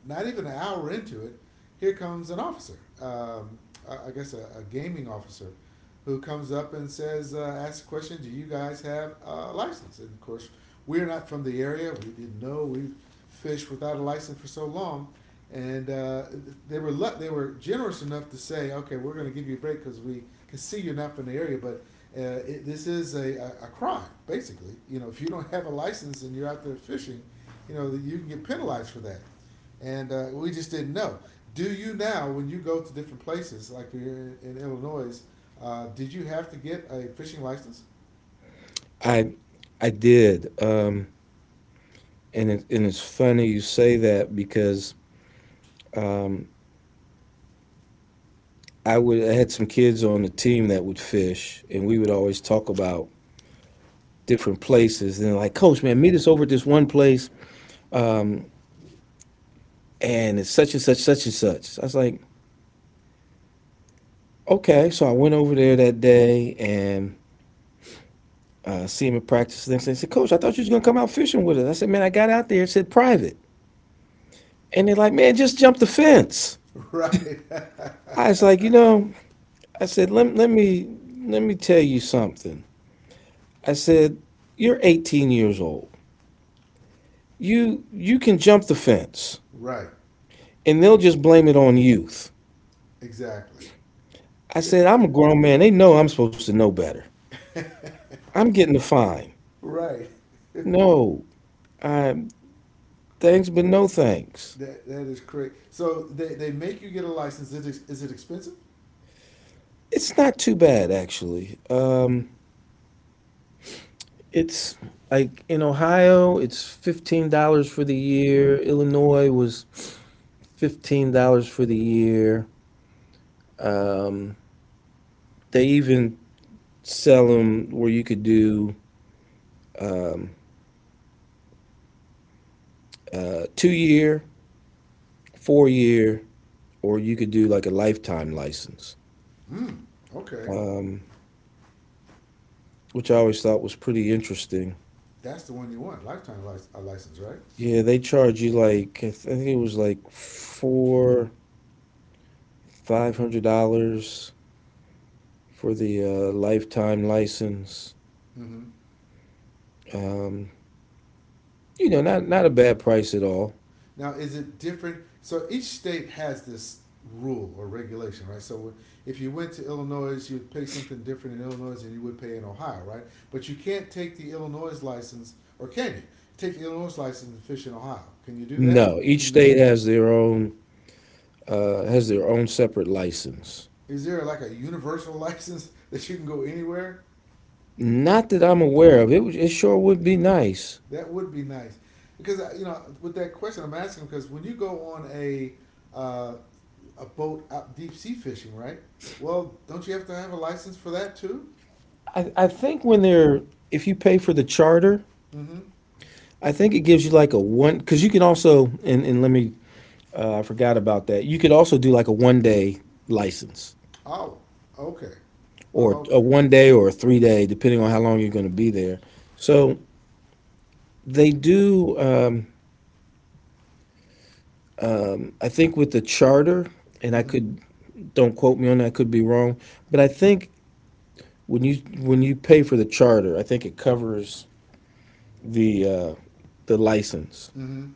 Speaker 1: not even an hour into it, here comes an officer. Um, I I guess a, a gaming officer who comes up and says, uh, asks a question, do you guys have a license? And of course, we're not from the area. We didn't know. We've fished without a license for so long. And uh, they were lu- they were generous enough to say, okay, we're going to give you a break because we can see you're not from the area, but uh, it, this is a, a, a crime, basically. You know, if you don't have a license and you're out there fishing, you know, that you can get penalized for that. And uh, we just didn't know. Do you now, when you go to different places, like you're in, in Illinois, uh, did you have to get a fishing license?
Speaker 2: I, I did, um, and it, and it's funny you say that because um, I would I had some kids on the team that would fish, and we would always talk about different places. And they're like, Coach, man, meet us over at this one place, and it's such and such, such and such. I was like, okay. So I went over there that day and uh, see him in practice. The next said, Coach, I thought you was going to come out fishing with us. I said, Man, I got out there. It said private. And they're like, Man, just jump the fence.
Speaker 1: Right.
Speaker 2: I was like, You know, I said, let, let me let me tell you something. I said, You're eighteen years old. You you can jump the fence,
Speaker 1: Right.
Speaker 2: and they'll just blame it on youth.
Speaker 1: Exactly.
Speaker 2: I said, I'm a grown man. They know I'm supposed to know better. I'm getting a fine.
Speaker 1: Right. That
Speaker 2: No, I thanks, but no thanks.
Speaker 1: that is crazy. So they, they make you get a license. Is it, is it expensive?
Speaker 2: It's not too bad, actually. Um, It's Like in Ohio, it's fifteen dollars for the year. Illinois was fifteen dollars for the year. Um, they even sell them where you could do uh, two year, four year, or you could do like a lifetime license,
Speaker 1: Hmm. Okay.
Speaker 2: um, which I always thought was pretty interesting.
Speaker 1: That's the one you want. Lifetime lic- a license, right?
Speaker 2: Yeah, they charge you like I think it was like four, five hundred dollars for the uh, lifetime license.
Speaker 1: Mm-hmm.
Speaker 2: Um, you know, not not a bad price at all.
Speaker 1: Now, is it different? So each state has this rule or regulation, right? So if you went to Illinois, you would pay something different in Illinois than you would pay in Ohio, right? But you can't take the Illinois license, or can you take the Illinois license and fish in Ohio? Can you do that?
Speaker 2: No, each
Speaker 1: No.
Speaker 2: state has their own uh, has their own separate license.
Speaker 1: Is there like a universal license that you can go anywhere?
Speaker 2: Not that I'm aware of. It would- it sure would be nice.
Speaker 1: That would be nice, because uh, you know with that question I'm asking because when you go on a uh, a boat out deep sea fishing, right? Well, don't you have to have a license for that too?
Speaker 2: I I think when they're if you pay for the charter,
Speaker 1: Mm-hmm.
Speaker 2: I think it gives you like a one because you can also and and let me uh, I forgot about that. You could also do like a one day license
Speaker 1: Oh, okay.
Speaker 2: or
Speaker 1: Okay.
Speaker 2: a one day or a three day depending on how long you're going to be there. So they do. Um, I think with the charter, and I
Speaker 1: Mm-hmm.
Speaker 2: could don't quote me on that, I could be wrong, but I think when you when you pay for the charter, I think it covers the uh, the license.
Speaker 1: Mm-hmm.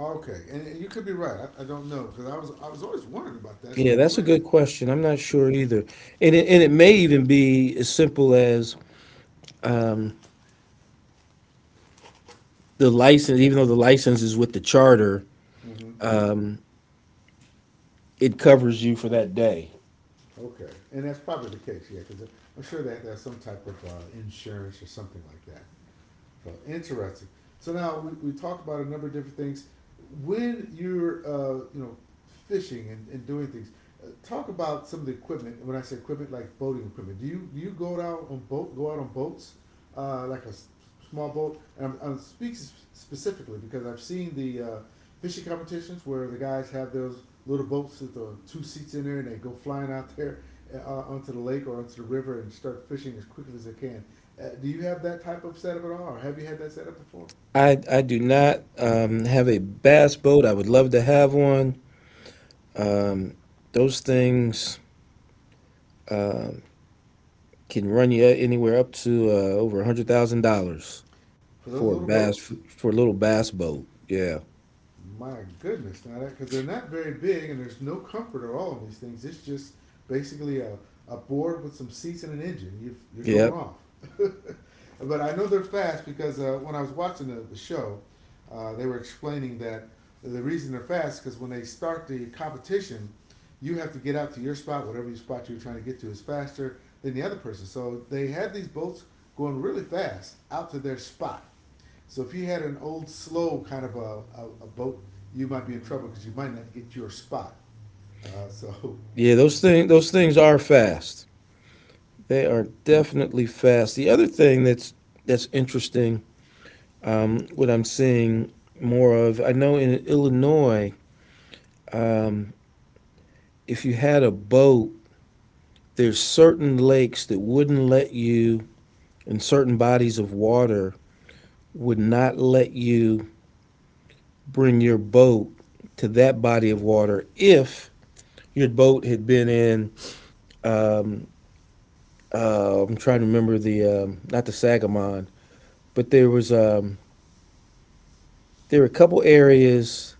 Speaker 1: Okay. And, and you could be right. I, I don't know because I was I was always wondering about that. It's
Speaker 2: Yeah,
Speaker 1: like, well,
Speaker 2: that's a
Speaker 1: wait a
Speaker 2: good
Speaker 1: minute.
Speaker 2: question. I'm not sure either, and it, and it may even be as simple as the license. Even though the license is with the charter,
Speaker 1: Mm-hmm.
Speaker 2: it covers you for that day.
Speaker 1: Okay. And that's probably the case, yeah, because I'm sure they have to have some type of uh, insurance or something like that. Uh, interesting. So now we, we talked about a number of different things. When you're uh, you know fishing and, and doing things, uh, talk about some of the equipment. When I say equipment, like boating equipment, do you do you go out on boat go out on boats uh, like a s- small boat? And I'm, I'm speaking specifically because I've seen the uh, fishing competitions where the guys have those little boats with the two seats in there and they go flying out there uh, onto the lake or onto the river and start fishing as quickly as they can. Uh, do you have that type of setup at all, or have you had that setup before?
Speaker 2: I I do not um, have a bass boat. I would love to have one. Those things can run you anywhere up to uh, over a hundred thousand dollars
Speaker 1: For those
Speaker 2: for a
Speaker 1: little
Speaker 2: bass
Speaker 1: boats?
Speaker 2: for a little bass boat. Yeah,
Speaker 1: My goodness, now that because they're not very big and there's no comfort at all in these things. It's just basically a, a board with some seats and an engine. You've, you're
Speaker 2: yeah,
Speaker 1: going off. But I know they're fast because uh, when I was watching the, the show, uh, they were explaining that the reason they're fast is because when they start the competition, you have to get out to your spot, whatever your spot you're trying to get to is faster than the other person. So they had these boats going really fast out to their spot, so if you had an old slow kind of a, a, a boat, you might be in trouble because you might not get your spot. Uh, so,
Speaker 2: yeah. Those thing those things are fast. They are definitely fast. The other thing that's that's interesting, what I'm seeing more of. I know in Illinois, if you had a boat, there's certain lakes that wouldn't let you, and certain bodies of water would not let you bring your boat to that body of water if your boat had been in. Uh, I'm trying to remember the um, not the Sagamon, but there was um, there were a couple areas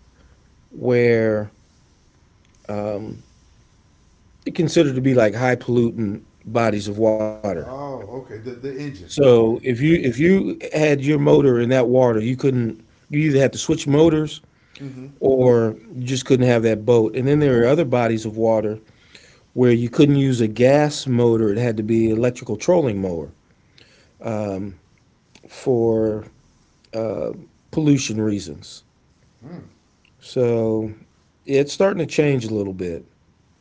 Speaker 2: where it considered to be like high pollutant bodies of water.
Speaker 1: oh, okay, the, the engine,
Speaker 2: So
Speaker 1: okay.
Speaker 2: if you if you had your motor in that water, you couldn't. You either had to switch motors
Speaker 1: Mm-hmm.
Speaker 2: or you just couldn't have that boat. And then there were other bodies of water where you couldn't use a gas motor; it had to be an electrical trolling mower for uh, pollution reasons.
Speaker 1: Hmm.
Speaker 2: So yeah, it's starting to change a little bit.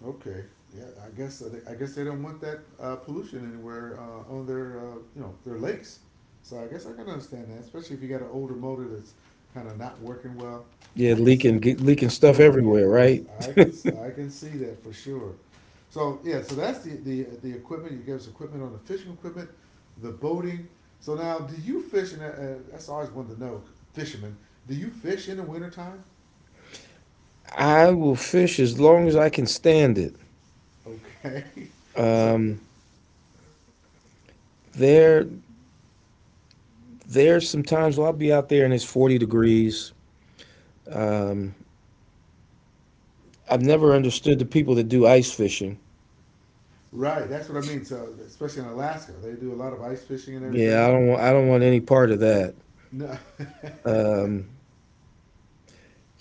Speaker 1: Okay. Yeah. I guess uh, they, I guess they don't want that uh, pollution anywhere uh, on their uh, you know their lakes. So I guess I can understand that, especially if you got an older motor that's kind of not working well.
Speaker 2: Yeah,
Speaker 1: I can
Speaker 2: leaking ge- leaking stuff
Speaker 1: Luke can get
Speaker 2: everywhere,
Speaker 1: you. Yes,
Speaker 2: right?
Speaker 1: I can I can see that for sure. So yeah, so that's the the the equipment. You gave us equipment on the fishing equipment, the boating. So now, do you fish? And uh, uh, that's always wanted to know, fishermen. Do you fish in the wintertime?
Speaker 2: I will fish as long as I can stand it.
Speaker 1: Okay, so
Speaker 2: Um, there there's some times where I'll be out there and it's forty degrees. Um, I've never understood the people that do ice fishing.
Speaker 1: right, that's what I mean. So especially in Alaska, they do a lot of ice fishing and
Speaker 2: Yeah,
Speaker 1: everything.
Speaker 2: I don't want, I don't want any part of that.
Speaker 1: No.
Speaker 2: Um,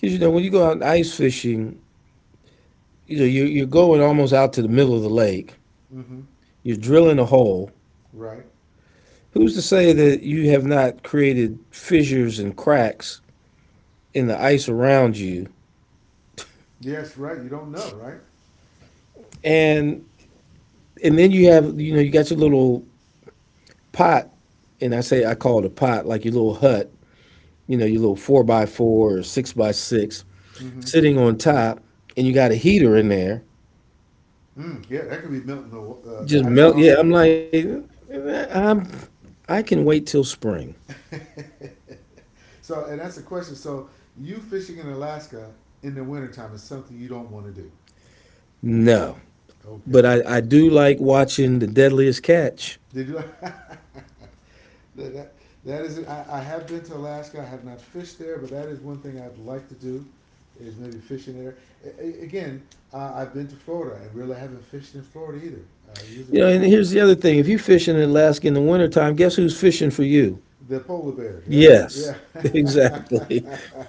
Speaker 2: 'Cause, you know when you go out ice fishing, you know you're, you're going almost out to the middle of the lake.
Speaker 1: Mm-hmm.
Speaker 2: You're drilling a hole.
Speaker 1: Right.
Speaker 2: Who's to say that you have not created fissures and cracks in the ice around you?
Speaker 1: Yes. Right. You don't know. Right.
Speaker 2: And and Then you have you know you got your little pot, and I say I call it a pot, like your little hut, you know your little four by four or six by six,
Speaker 1: Mm-hmm.
Speaker 2: sitting on top, and you got a heater in there,
Speaker 1: Mm, yeah, that could be melting the wa- uh, the
Speaker 2: just
Speaker 1: ice
Speaker 2: melt. Yeah,
Speaker 1: also.
Speaker 2: I'm like, I'm I can wait till spring.
Speaker 1: So, and that's a question. So, you fishing in Alaska in the wintertime is something you don't want to do.
Speaker 2: No,
Speaker 1: Okay.
Speaker 2: but I I do like watching the Deadliest Catch.
Speaker 1: Did you? that, that, that is it. I, I have been to Alaska. I have not fished there, but that is one thing I'd like to do is maybe fishing there. A- again, uh, I've been to Florida and really haven't fished in Florida either. Uh, usually
Speaker 2: You know,
Speaker 1: when I
Speaker 2: and
Speaker 1: get there,
Speaker 2: here's the other thing. If you're fishing in Alaska in the wintertime, guess who's fishing for you?
Speaker 1: they're polar bears, right? Yeah.
Speaker 2: Yes, exactly.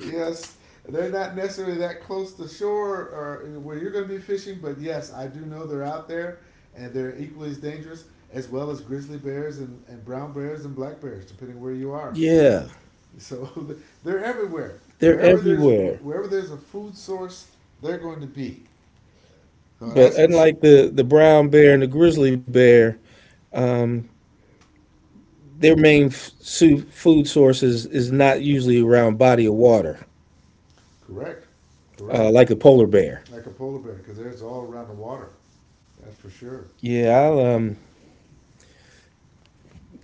Speaker 1: Yes, they're not necessarily that close to shore or where you're going to be fishing, but yes, I do know they're out there and they're equally as dangerous as well as grizzly bears and, and brown bears and black bears, depending where you are.
Speaker 2: Yeah,
Speaker 1: So they're everywhere.
Speaker 2: they're
Speaker 1: Wherever there's
Speaker 2: everywhere.
Speaker 1: wherever there's a food source, they're going to be. So
Speaker 2: But
Speaker 1: that's for sure.
Speaker 2: unlike the, the brown bear and the grizzly bear, um, their main f- su- food source is, is not usually around body of water,
Speaker 1: Correct,
Speaker 2: uh,
Speaker 1: correct.
Speaker 2: like the polar bear.
Speaker 1: Like a polar bear, because they're all around the water. That's for sure.
Speaker 2: Yeah, I'll, um,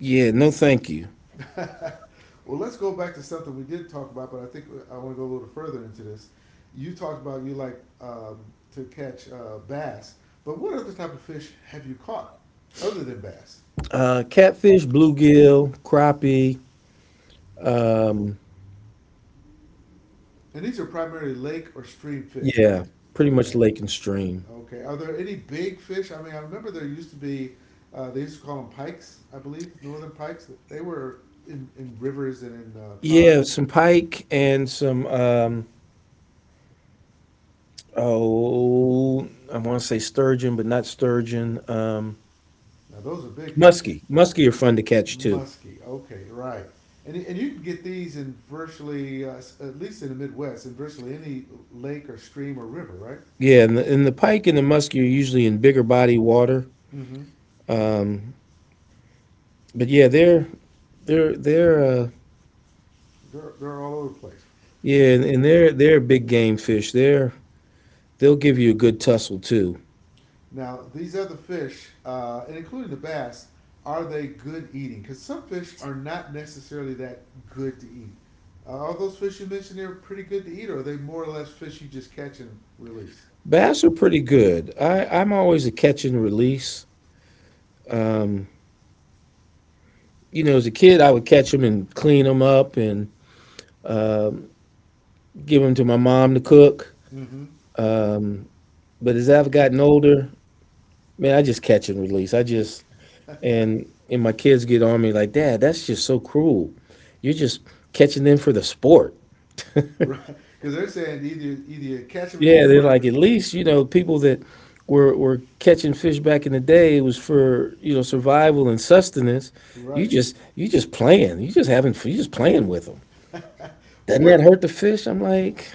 Speaker 2: yeah, no thank you.
Speaker 1: Well, let's go back to something we did talk about, but I think I want to go a little further into this. You talked about you like um, to catch uh, bass, but what other type of fish have you caught other than bass?
Speaker 2: Uh, catfish, bluegill, crappie, um,
Speaker 1: And these are primarily lake or stream fish, right?
Speaker 2: yeah, pretty much
Speaker 1: Okay,
Speaker 2: lake and stream.
Speaker 1: okay. Are there any big fish? I mean, I remember there used to be. Uh, they used to call them pikes, I believe, northern pikes. They were in, in rivers and in uh,
Speaker 2: Yeah,
Speaker 1: ponds.
Speaker 2: some pike and some um oh I want to say sturgeon, but not sturgeon. Um
Speaker 1: Now those are big
Speaker 2: muskie.
Speaker 1: fish.
Speaker 2: Muskie are fun to catch too.
Speaker 1: Muskie. Okay, right. And, and you can get these in virtually, uh, at least in the Midwest, in virtually any lake or stream or river, right?
Speaker 2: Yeah, and the, and the pike and the muskie are usually in bigger body water.
Speaker 1: Mm-hmm.
Speaker 2: Um but Yeah, they're they're they're uh
Speaker 1: They're, they're all over the place.
Speaker 2: yeah, and, and they're they're big game fish. They're they'll give you a good tussle too.
Speaker 1: Now, these other fish, uh, and including the bass, are they good eating? Because some fish are not necessarily that good to eat. Uh, are those fish you mentioned there pretty good to eat, or are they more or less fish you just catch and release?
Speaker 2: Bass are pretty good. I I'm always a catch and release. You know, as a kid, I would catch them and clean them up and give them to my mom to cook.
Speaker 1: Mm-hmm.
Speaker 2: Um, But As I've gotten older, man, I just catch and release. I
Speaker 1: Just
Speaker 2: just and and my kids get on me like, Dad, that's just so cruel. You're just catching them for the sport.
Speaker 1: right, because they're saying either either you catch them and eat
Speaker 2: Yeah,
Speaker 1: them,
Speaker 2: they're like,
Speaker 1: or
Speaker 2: at least, you know, people that were were catching fish back in the day, it was for, you know, survival and sustenance. You
Speaker 1: right.
Speaker 2: just you just playing. You just having you just playing with them.
Speaker 1: Well,
Speaker 2: Doesn't
Speaker 1: what?
Speaker 2: that hurt the fish? I'm like,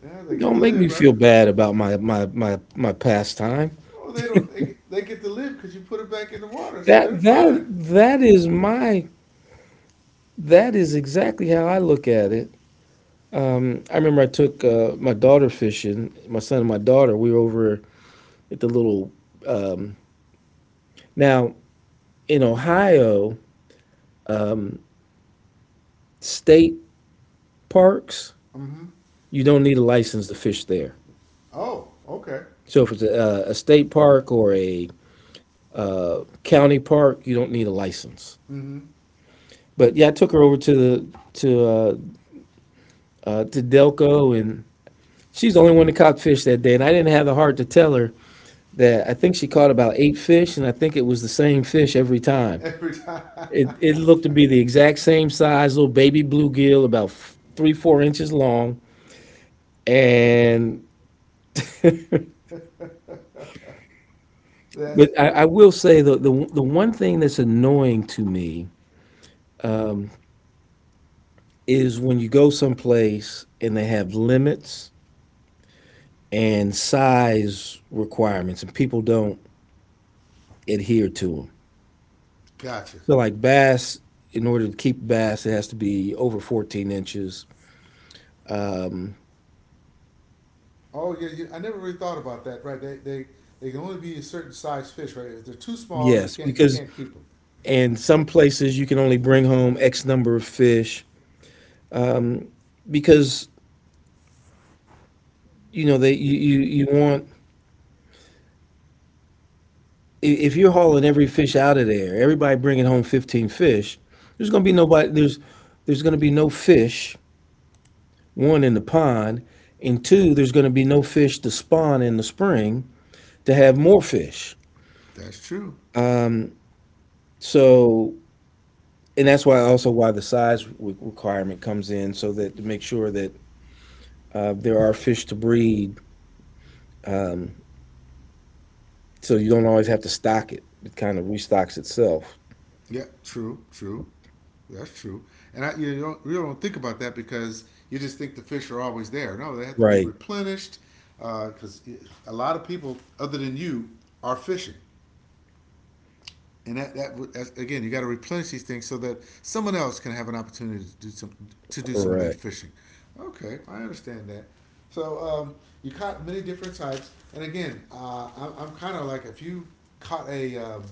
Speaker 1: Yeah, they get to
Speaker 2: don't make
Speaker 1: live,
Speaker 2: me
Speaker 1: right?
Speaker 2: feel bad about my my my my pastime.
Speaker 1: Oh, they don't. They get, they get to live because you put it back in the water, so they're
Speaker 2: That that
Speaker 1: fine.
Speaker 2: that is my— That is exactly how I look at it. Um, I remember I took uh, my daughter fishing, my son and my daughter. We were over at the little, um, now in Ohio, um, state parks,
Speaker 1: Mm-hmm.
Speaker 2: you don't need a license to fish there.
Speaker 1: Oh, okay.
Speaker 2: So if it's a, uh, a state park or a uh, county park, you don't need a license.
Speaker 1: Mm-hmm.
Speaker 2: But yeah, I took her over to the to uh, uh, to Delco, and she's the only one that caught fish that day. And I didn't have the heart to tell her that I think she caught about eight fish, and I think it was the same fish every time.
Speaker 1: Every time.
Speaker 2: It, it looked to be the exact same size, little baby bluegill, about three, four inches long. And,
Speaker 1: That's
Speaker 2: but I,
Speaker 1: cool.
Speaker 2: I will say the, the, the one thing that's annoying to me is when you go someplace and they have limits and size requirements, and people don't adhere to them.
Speaker 1: Gotcha.
Speaker 2: So, like bass, in order to keep bass, it has to be over fourteen inches. Um,
Speaker 1: Oh yeah, yeah, I never really thought about that. Right? They they they can only be a certain size fish, right? If they're too small,
Speaker 2: yes,
Speaker 1: you can't you
Speaker 2: because
Speaker 1: can't keep them.
Speaker 2: and some places you can only bring home X number of fish because you know they you you, you want if you're hauling every fish out of there, everybody bringing home fifteen fish. There's going to be nobody. There's there's going to be no fish. One in the pond, and two, there's going to be no fish to spawn in the spring to have more fish.
Speaker 1: That's true.
Speaker 2: So and that's why also why the size requirement comes in so that to make sure that uh, there are fish to breed. So you don't always have to stock it. It kind of restocks itself.
Speaker 1: Yeah, true, true. That's true. And I, you don't you don't think about that because you just think the fish are always there. No, they have to be
Speaker 2: Right,
Speaker 1: replenished because a lot of people other than you are fishing, and that that that's, again, you got to replenish these things so that someone else can have an opportunity to do some to do some of that
Speaker 2: correct.
Speaker 1: fishing. Okay, I understand that. So um, you caught many different types, and again, uh, I'm, I'm kind of like if you caught a, um,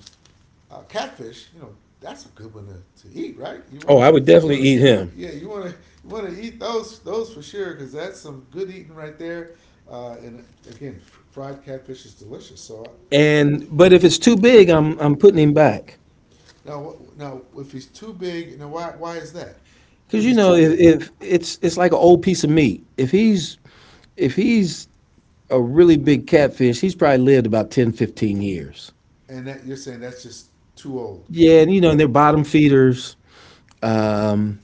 Speaker 1: a catfish, you know, that's a good one to to eat, right? You want
Speaker 2: Oh,
Speaker 1: to,
Speaker 2: I would
Speaker 1: you
Speaker 2: definitely
Speaker 1: want
Speaker 2: eat
Speaker 1: to,
Speaker 2: him.
Speaker 1: yeah. You want to, you want to eat those, those for sure, because that's some good eating right there. Uh, and again, fried catfish is delicious. So
Speaker 2: And but if it's too big, I'm I'm putting him back
Speaker 1: now, now, if he's too big, now why why is that?
Speaker 2: because
Speaker 1: If
Speaker 2: you
Speaker 1: he's
Speaker 2: know
Speaker 1: too
Speaker 2: if,
Speaker 1: big,
Speaker 2: if it's it's like an old piece of meat. If he's if he's a really big catfish, he's probably lived about ten, fifteen years.
Speaker 1: and that you're saying that's just too old.
Speaker 2: Yeah, and you know and they're bottom feeders. Um,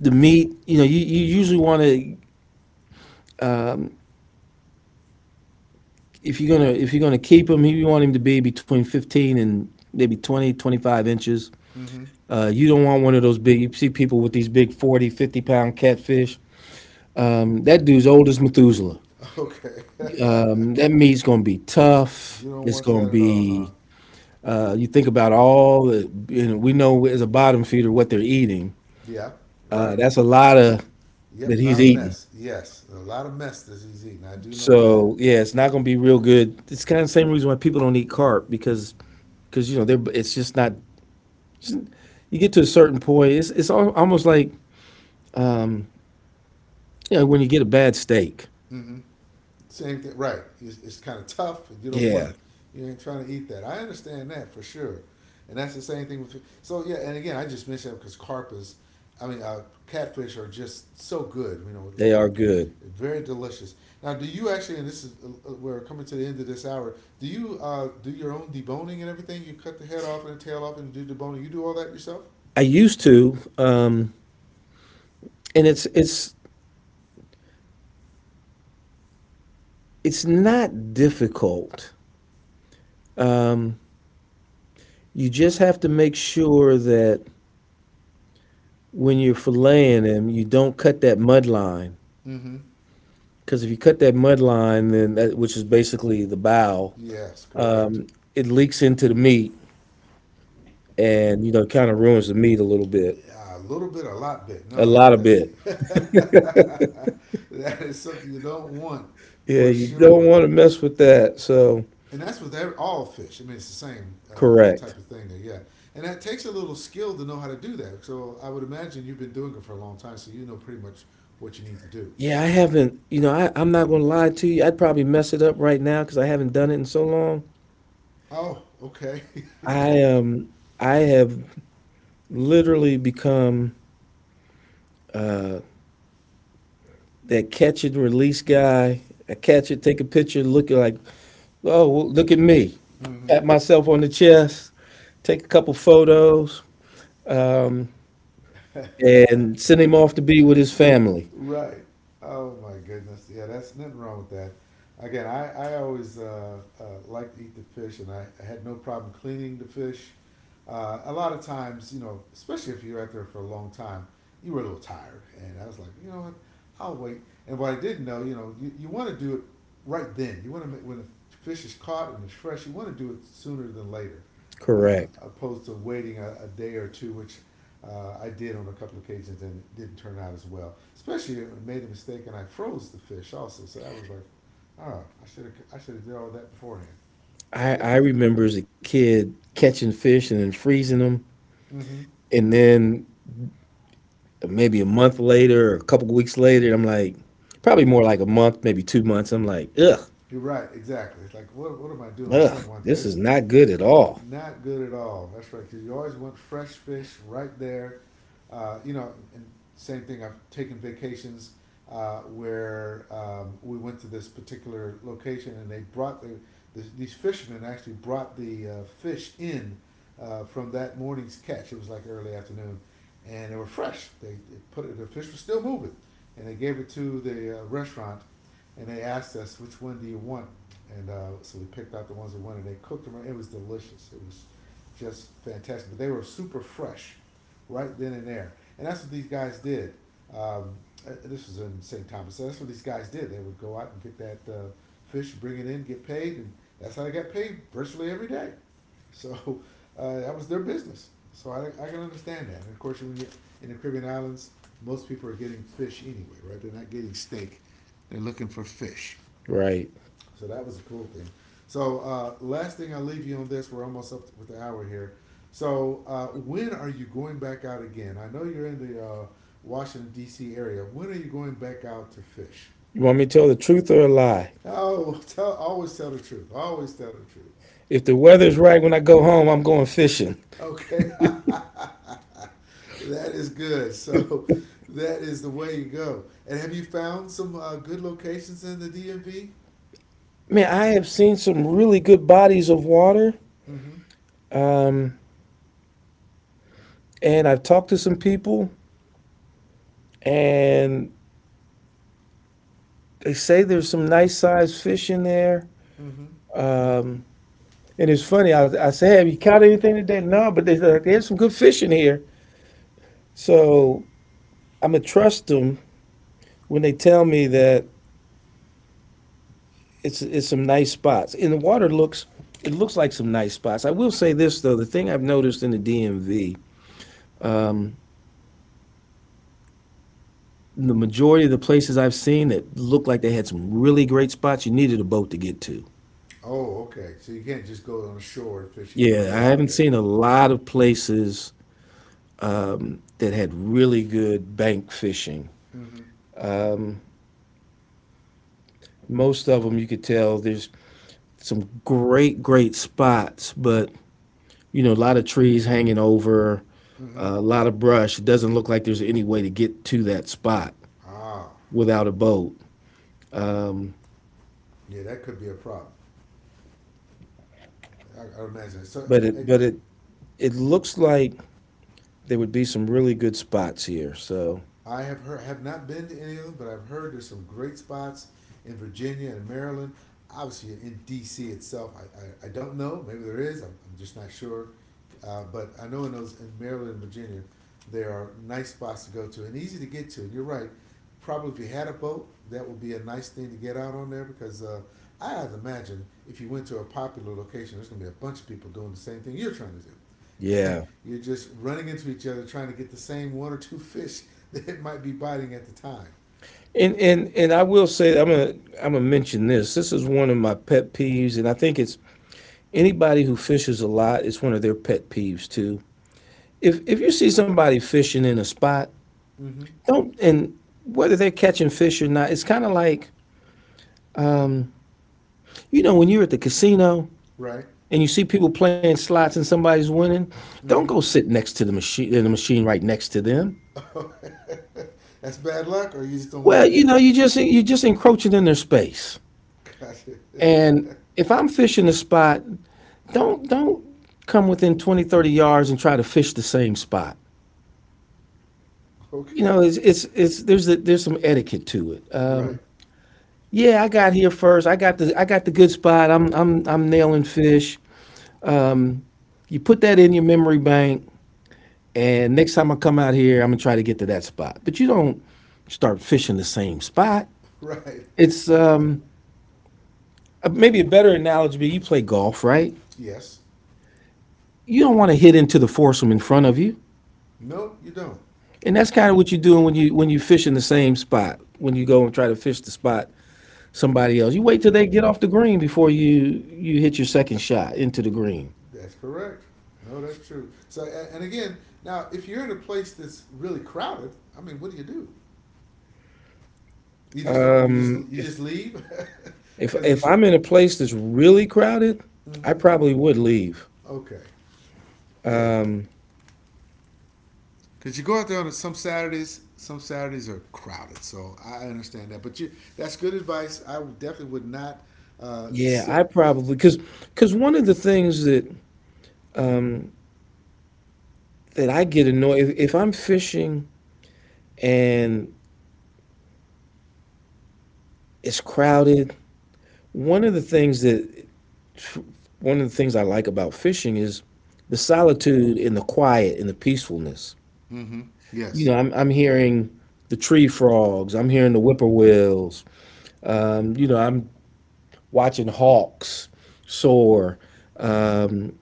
Speaker 2: the meat, you know, you, you usually want to if you're gonna if you're gonna keep him, you want him to be between fifteen and maybe twenty, twenty five inches.
Speaker 1: Mm-hmm.
Speaker 2: Uh, you don't want one of those big, you see people with these big forty, fifty pound catfish. Um, that dude's old as Methuselah.
Speaker 1: Okay.
Speaker 2: Um, that meat's going to be tough.
Speaker 1: You don't
Speaker 2: It's
Speaker 1: want
Speaker 2: going
Speaker 1: that
Speaker 2: to
Speaker 1: at all, huh?
Speaker 2: be, uh, you think about all the, you know, we know as a bottom feeder what they're eating.
Speaker 1: Yeah.
Speaker 2: Uh,
Speaker 1: Right.
Speaker 2: that's a lot of that
Speaker 1: Yep. Not
Speaker 2: he's
Speaker 1: a
Speaker 2: eating.
Speaker 1: mess. Yes. A lot of mess that he's eating. I do know that.
Speaker 2: So yeah, it's not going to be real good. It's kind of the same reason why people don't eat carp because because you know they're it's just not. You get to a certain point, it's it's almost like um, you know when you get a bad steak.
Speaker 1: Mm-hmm. Same thing, right? It's, it's kind of tough, and you don't want
Speaker 2: Yeah,
Speaker 1: to. You ain't trying to eat that. I understand that for sure, and that's the same thing with. So yeah, and again, I just mentioned it because carp is, I mean, uh, catfish are just so good. You know,
Speaker 2: they are good.
Speaker 1: very delicious. Now, do you actually? And this is uh, uh, we're coming to the end of this hour. Do you uh, do your own deboning and everything? You cut the head off and the tail off and do deboning. You do all that yourself?
Speaker 2: I used to, um, and it's it's it's not difficult. You just have to make sure that when you're filleting them, you don't cut that mud line.
Speaker 1: Mm-hmm.
Speaker 2: Because if you cut that mud line, then that, which is basically the bow,
Speaker 1: Yes, correct.
Speaker 2: it leaks into the meat, and you know, kind of ruins the meat a little bit,
Speaker 1: Yeah, a little bit, a lot bit.
Speaker 2: a
Speaker 1: No, I
Speaker 2: lot
Speaker 1: get
Speaker 2: of bit.
Speaker 1: that. That is something you don't want
Speaker 2: Yeah,
Speaker 1: for
Speaker 2: you don't
Speaker 1: sure.
Speaker 2: want to mess with that. So
Speaker 1: And that's with every, all fish. I mean, it's the same uh, type
Speaker 2: correct.
Speaker 1: of thing there, yeah. And that takes a little skill to know how to do that. So I would imagine you've been doing it for a long time, so you know pretty much what you need to do.
Speaker 2: Yeah, I haven't. You know, I, I'm not gonna lie to you. I'd probably mess it up right now because I haven't done it in so long.
Speaker 1: Oh, okay.
Speaker 2: I um I have literally become uh that catch and release guy. I catch it, take a picture, look at like, oh, well, look at me.
Speaker 1: Mm-hmm.
Speaker 2: Pat myself on the chest, take a couple photos, um, and send him off to be with his family.
Speaker 1: Right. Oh my goodness. Yeah, that's nothing wrong with that. Again, I, I always uh, uh, like to eat the fish, and I, I had no problem cleaning the fish. Uh, a lot of times, you know, especially if you're out there for a long time, you were a little tired. And I was like, you know what, I'll wait. And what I didn't know, you know, you, you want to do it right then. You want to make, when the fish is caught and it's fresh, you want to do it sooner than later, uh,
Speaker 2: Correct.
Speaker 1: opposed to waiting a, a day or two, which uh, I did on a couple of occasions and it didn't turn out as well. Especially I made a mistake and I froze the fish also. So that was like, oh, I should have I should have did all that beforehand.
Speaker 2: I, I
Speaker 1: mm-hmm.
Speaker 2: remember as a kid catching fish and then freezing them. And then maybe a month later or a couple weeks later, I'm like, probably more like a month, maybe two months. I'm like, ugh.
Speaker 1: You're right, exactly. It's like what what am I doing? I
Speaker 2: Ugh,
Speaker 1: don't want
Speaker 2: this is
Speaker 1: this.
Speaker 2: not good at all.
Speaker 1: Not good at all. That's right. Because you always want fresh fish right there. Uh, you know, and same thing. I've taken vacations uh, where um, we went to this particular location and they brought the, the these fishermen actually brought the uh, fish in uh, from that morning's catch. It was like early afternoon, and they were fresh. They, they put it. The fish was still moving, and they gave it to the uh, restaurant and they asked us, which one do you want? And uh, so we picked out the ones we wanted. They cooked them. It was delicious. It was just fantastic. But they were super fresh, right then and there. And that's what these guys did. Um, uh, this was in saint Thomas. So that's what these guys did. They would go out and get that uh, fish, bring it in, get paid, and that's how they got paid virtually every day. So uh, that was their business. So I, I can understand that. And of course, when you in the Caribbean islands, most people are getting fish anyway, right? They're not getting steak. They're looking for fish.
Speaker 2: Right.
Speaker 1: So that was a cool thing. So uh, last thing I'll leave you on this. We're almost up with the hour here. So uh, when are you going back out again? I know you're in the uh, Washington D C area. When are you going back out to fish?
Speaker 2: You want me to tell the truth or a lie?
Speaker 1: Oh, tell always tell the truth. Always tell the truth.
Speaker 2: If the weather's right when I go home, I'm going fishing.
Speaker 1: Okay, that is good. So that is the way you go. And have you found some uh, good locations in the D M V?
Speaker 2: Man, I have seen some really good bodies of water.
Speaker 1: Mm-hmm.
Speaker 2: Um, and I've talked to some people, and they say there's some nice sized fish in there.
Speaker 1: Mm-hmm.
Speaker 2: Um, and it's funny, I, I say, have you caught anything today? No, but they said, there's some good fish in here. So I'm going to trust them when they tell me that it's it's some nice spots. And the water looks it looks like some nice spots. I will say this though, the thing I've noticed in the D M V, the majority of the places I've seen that looked like they had some really great spots, you needed a boat to get to.
Speaker 1: Oh, okay. So you can't just go on the shore and fish. You need to
Speaker 2: Yeah,
Speaker 1: get
Speaker 2: I
Speaker 1: out
Speaker 2: haven't
Speaker 1: there.
Speaker 2: seen a lot of places that had really good bank fishing.
Speaker 1: Mm-hmm.
Speaker 2: Most of them you could tell there's some great great spots, but you know, a lot of trees hanging over,
Speaker 1: Mm-hmm.
Speaker 2: a lot of brush. It doesn't look like there's any way to get to that spot
Speaker 1: Ah,
Speaker 2: without a boat. Um,
Speaker 1: yeah, that could be a problem. I, I imagine. So,
Speaker 2: But it but
Speaker 1: it,
Speaker 2: it
Speaker 1: it,
Speaker 2: it looks like there would be some really good spots here. So
Speaker 1: I have heard, have not been to any of them, but I've heard there's some great spots in Virginia and Maryland. Obviously, in D C itself, I, I, I don't know. Maybe there is. I'm, I'm just not sure. Uh, but I know in those in Maryland and Virginia, there are nice spots to go to and easy to get to. And you're right. Probably if you had a boat, that would be a nice thing to get out on there because uh, I have to imagine if you went to a popular location, there's going to be a bunch of people doing the same thing you're trying to do.
Speaker 2: yeah.
Speaker 1: You're just running into each other trying to get the same one or two fish that might be biting at the time.
Speaker 2: And and and I will say I'm gonna I'm gonna mention this. This is one of my pet peeves, and I think it's anybody who fishes a lot, it's one of their pet peeves too. If if you see somebody fishing in a spot,
Speaker 1: Mm-hmm.
Speaker 2: don't and whether they're catching fish or not, it's kind of like, you know, when you're at the casino
Speaker 1: Right.
Speaker 2: and you see people playing slots and somebody's winning, don't go
Speaker 1: Mm-hmm.
Speaker 2: sit next to the machine in the machine right next to them.
Speaker 1: That's bad luck, or you just don't
Speaker 2: Well,
Speaker 1: like
Speaker 2: you
Speaker 1: that.
Speaker 2: know, you just you're just encroaching in their space.
Speaker 1: Gotcha.
Speaker 2: And if I'm fishing a spot, don't don't come within twenty thirty yards and try to fish the same spot. You
Speaker 1: okay.
Speaker 2: know, it's it's, it's there's a, there's some etiquette to it. Um,
Speaker 1: Right.
Speaker 2: yeah, I got here first. I got the I got the good spot. I'm I'm I'm nailing fish. You put that in your memory bank, and next time I come out here, I'm gonna try to get to that spot. But you don't start fishing the same spot.
Speaker 1: Right.
Speaker 2: It's um, maybe a better analogy. You play golf, right?
Speaker 1: yes.
Speaker 2: You don't want to hit into the foursome in front of you.
Speaker 1: No, you don't.
Speaker 2: And that's kind of what you're doing when you when you fish in the same spot. When you go and try to fish the spot somebody else, you wait till they get off the green before you you hit your second shot into the green.
Speaker 1: That's correct. No, that's true. So, and again, now if you're in a place that's really crowded, I mean, what do you do? You just don't. You just
Speaker 2: Um,
Speaker 1: you
Speaker 2: if
Speaker 1: just leave
Speaker 2: if
Speaker 1: because it
Speaker 2: if
Speaker 1: was.
Speaker 2: I'm in a place that's really crowded, I
Speaker 1: Mm-hmm.
Speaker 2: probably would leave.
Speaker 1: Okay. Yeah.
Speaker 2: Um,
Speaker 1: Cause you go out there on some Saturdays. Some Saturdays are crowded, so I understand that. But you, that's good advice. I definitely would not uh,
Speaker 2: yeah,
Speaker 1: set.
Speaker 2: I probably because because one of the things that um, that I get annoyed if, if I'm fishing and it's crowded. One of the things that one of the things I like about fishing is the solitude and the quiet and the peacefulness.
Speaker 1: Mm-hmm.
Speaker 2: You
Speaker 1: Yes.
Speaker 2: know, I'm I'm hearing the tree frogs, I'm hearing the whippoorwills, um, you know, I'm watching hawks soar. Um,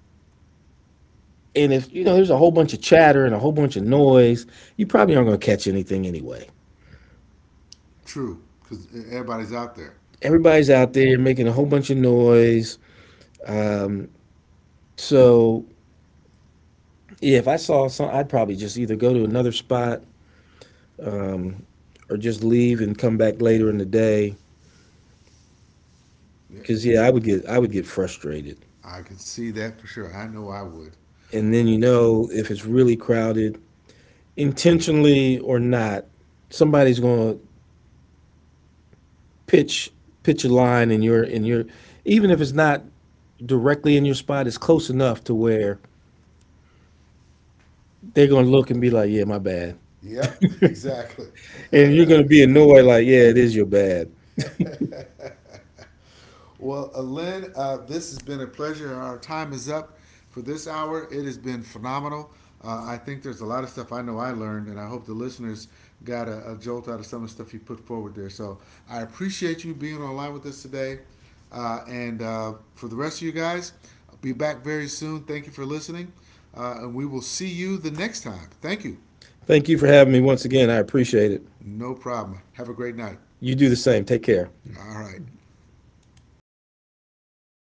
Speaker 2: and if you know there's a whole bunch of chatter and a whole bunch of noise, you probably aren't gonna catch anything anyway.
Speaker 1: True, because everybody's out there.
Speaker 2: Everybody's out there making a whole bunch of noise. Um, so yeah, if I saw some, I'd probably just either go to another spot um, or just leave and come back later in the day.
Speaker 1: Yeah,
Speaker 2: Because
Speaker 1: j-
Speaker 2: yeah, I would get I would get frustrated,
Speaker 1: I could see that for sure. I know I would.
Speaker 2: and then you know if it's really crowded, intentionally or not, somebody's going to pitch pitch a line in your in your even if it's not directly in your spot, it's close enough to where they're going to look and be like, yeah, my bad,
Speaker 1: Yep, exactly.
Speaker 2: and you're going to be annoyed like, yeah, it is your bad.
Speaker 1: well, uh, Lynn, uh, this has been a pleasure. Our time is up for this hour. It has been phenomenal. Uh, I think there's a lot of stuff I know I learned, and I hope the listeners got a, a jolt out of some of the stuff you put forward there. So I appreciate you being online with us today. Uh, and uh, For the rest of you guys, I'll be back very soon. Thank you for listening, uh, and we will see you the next time. Thank you.
Speaker 2: Thank you for having me once again. I appreciate it.
Speaker 1: No problem. Have a great night.
Speaker 2: You do the same. Take care.
Speaker 1: All right.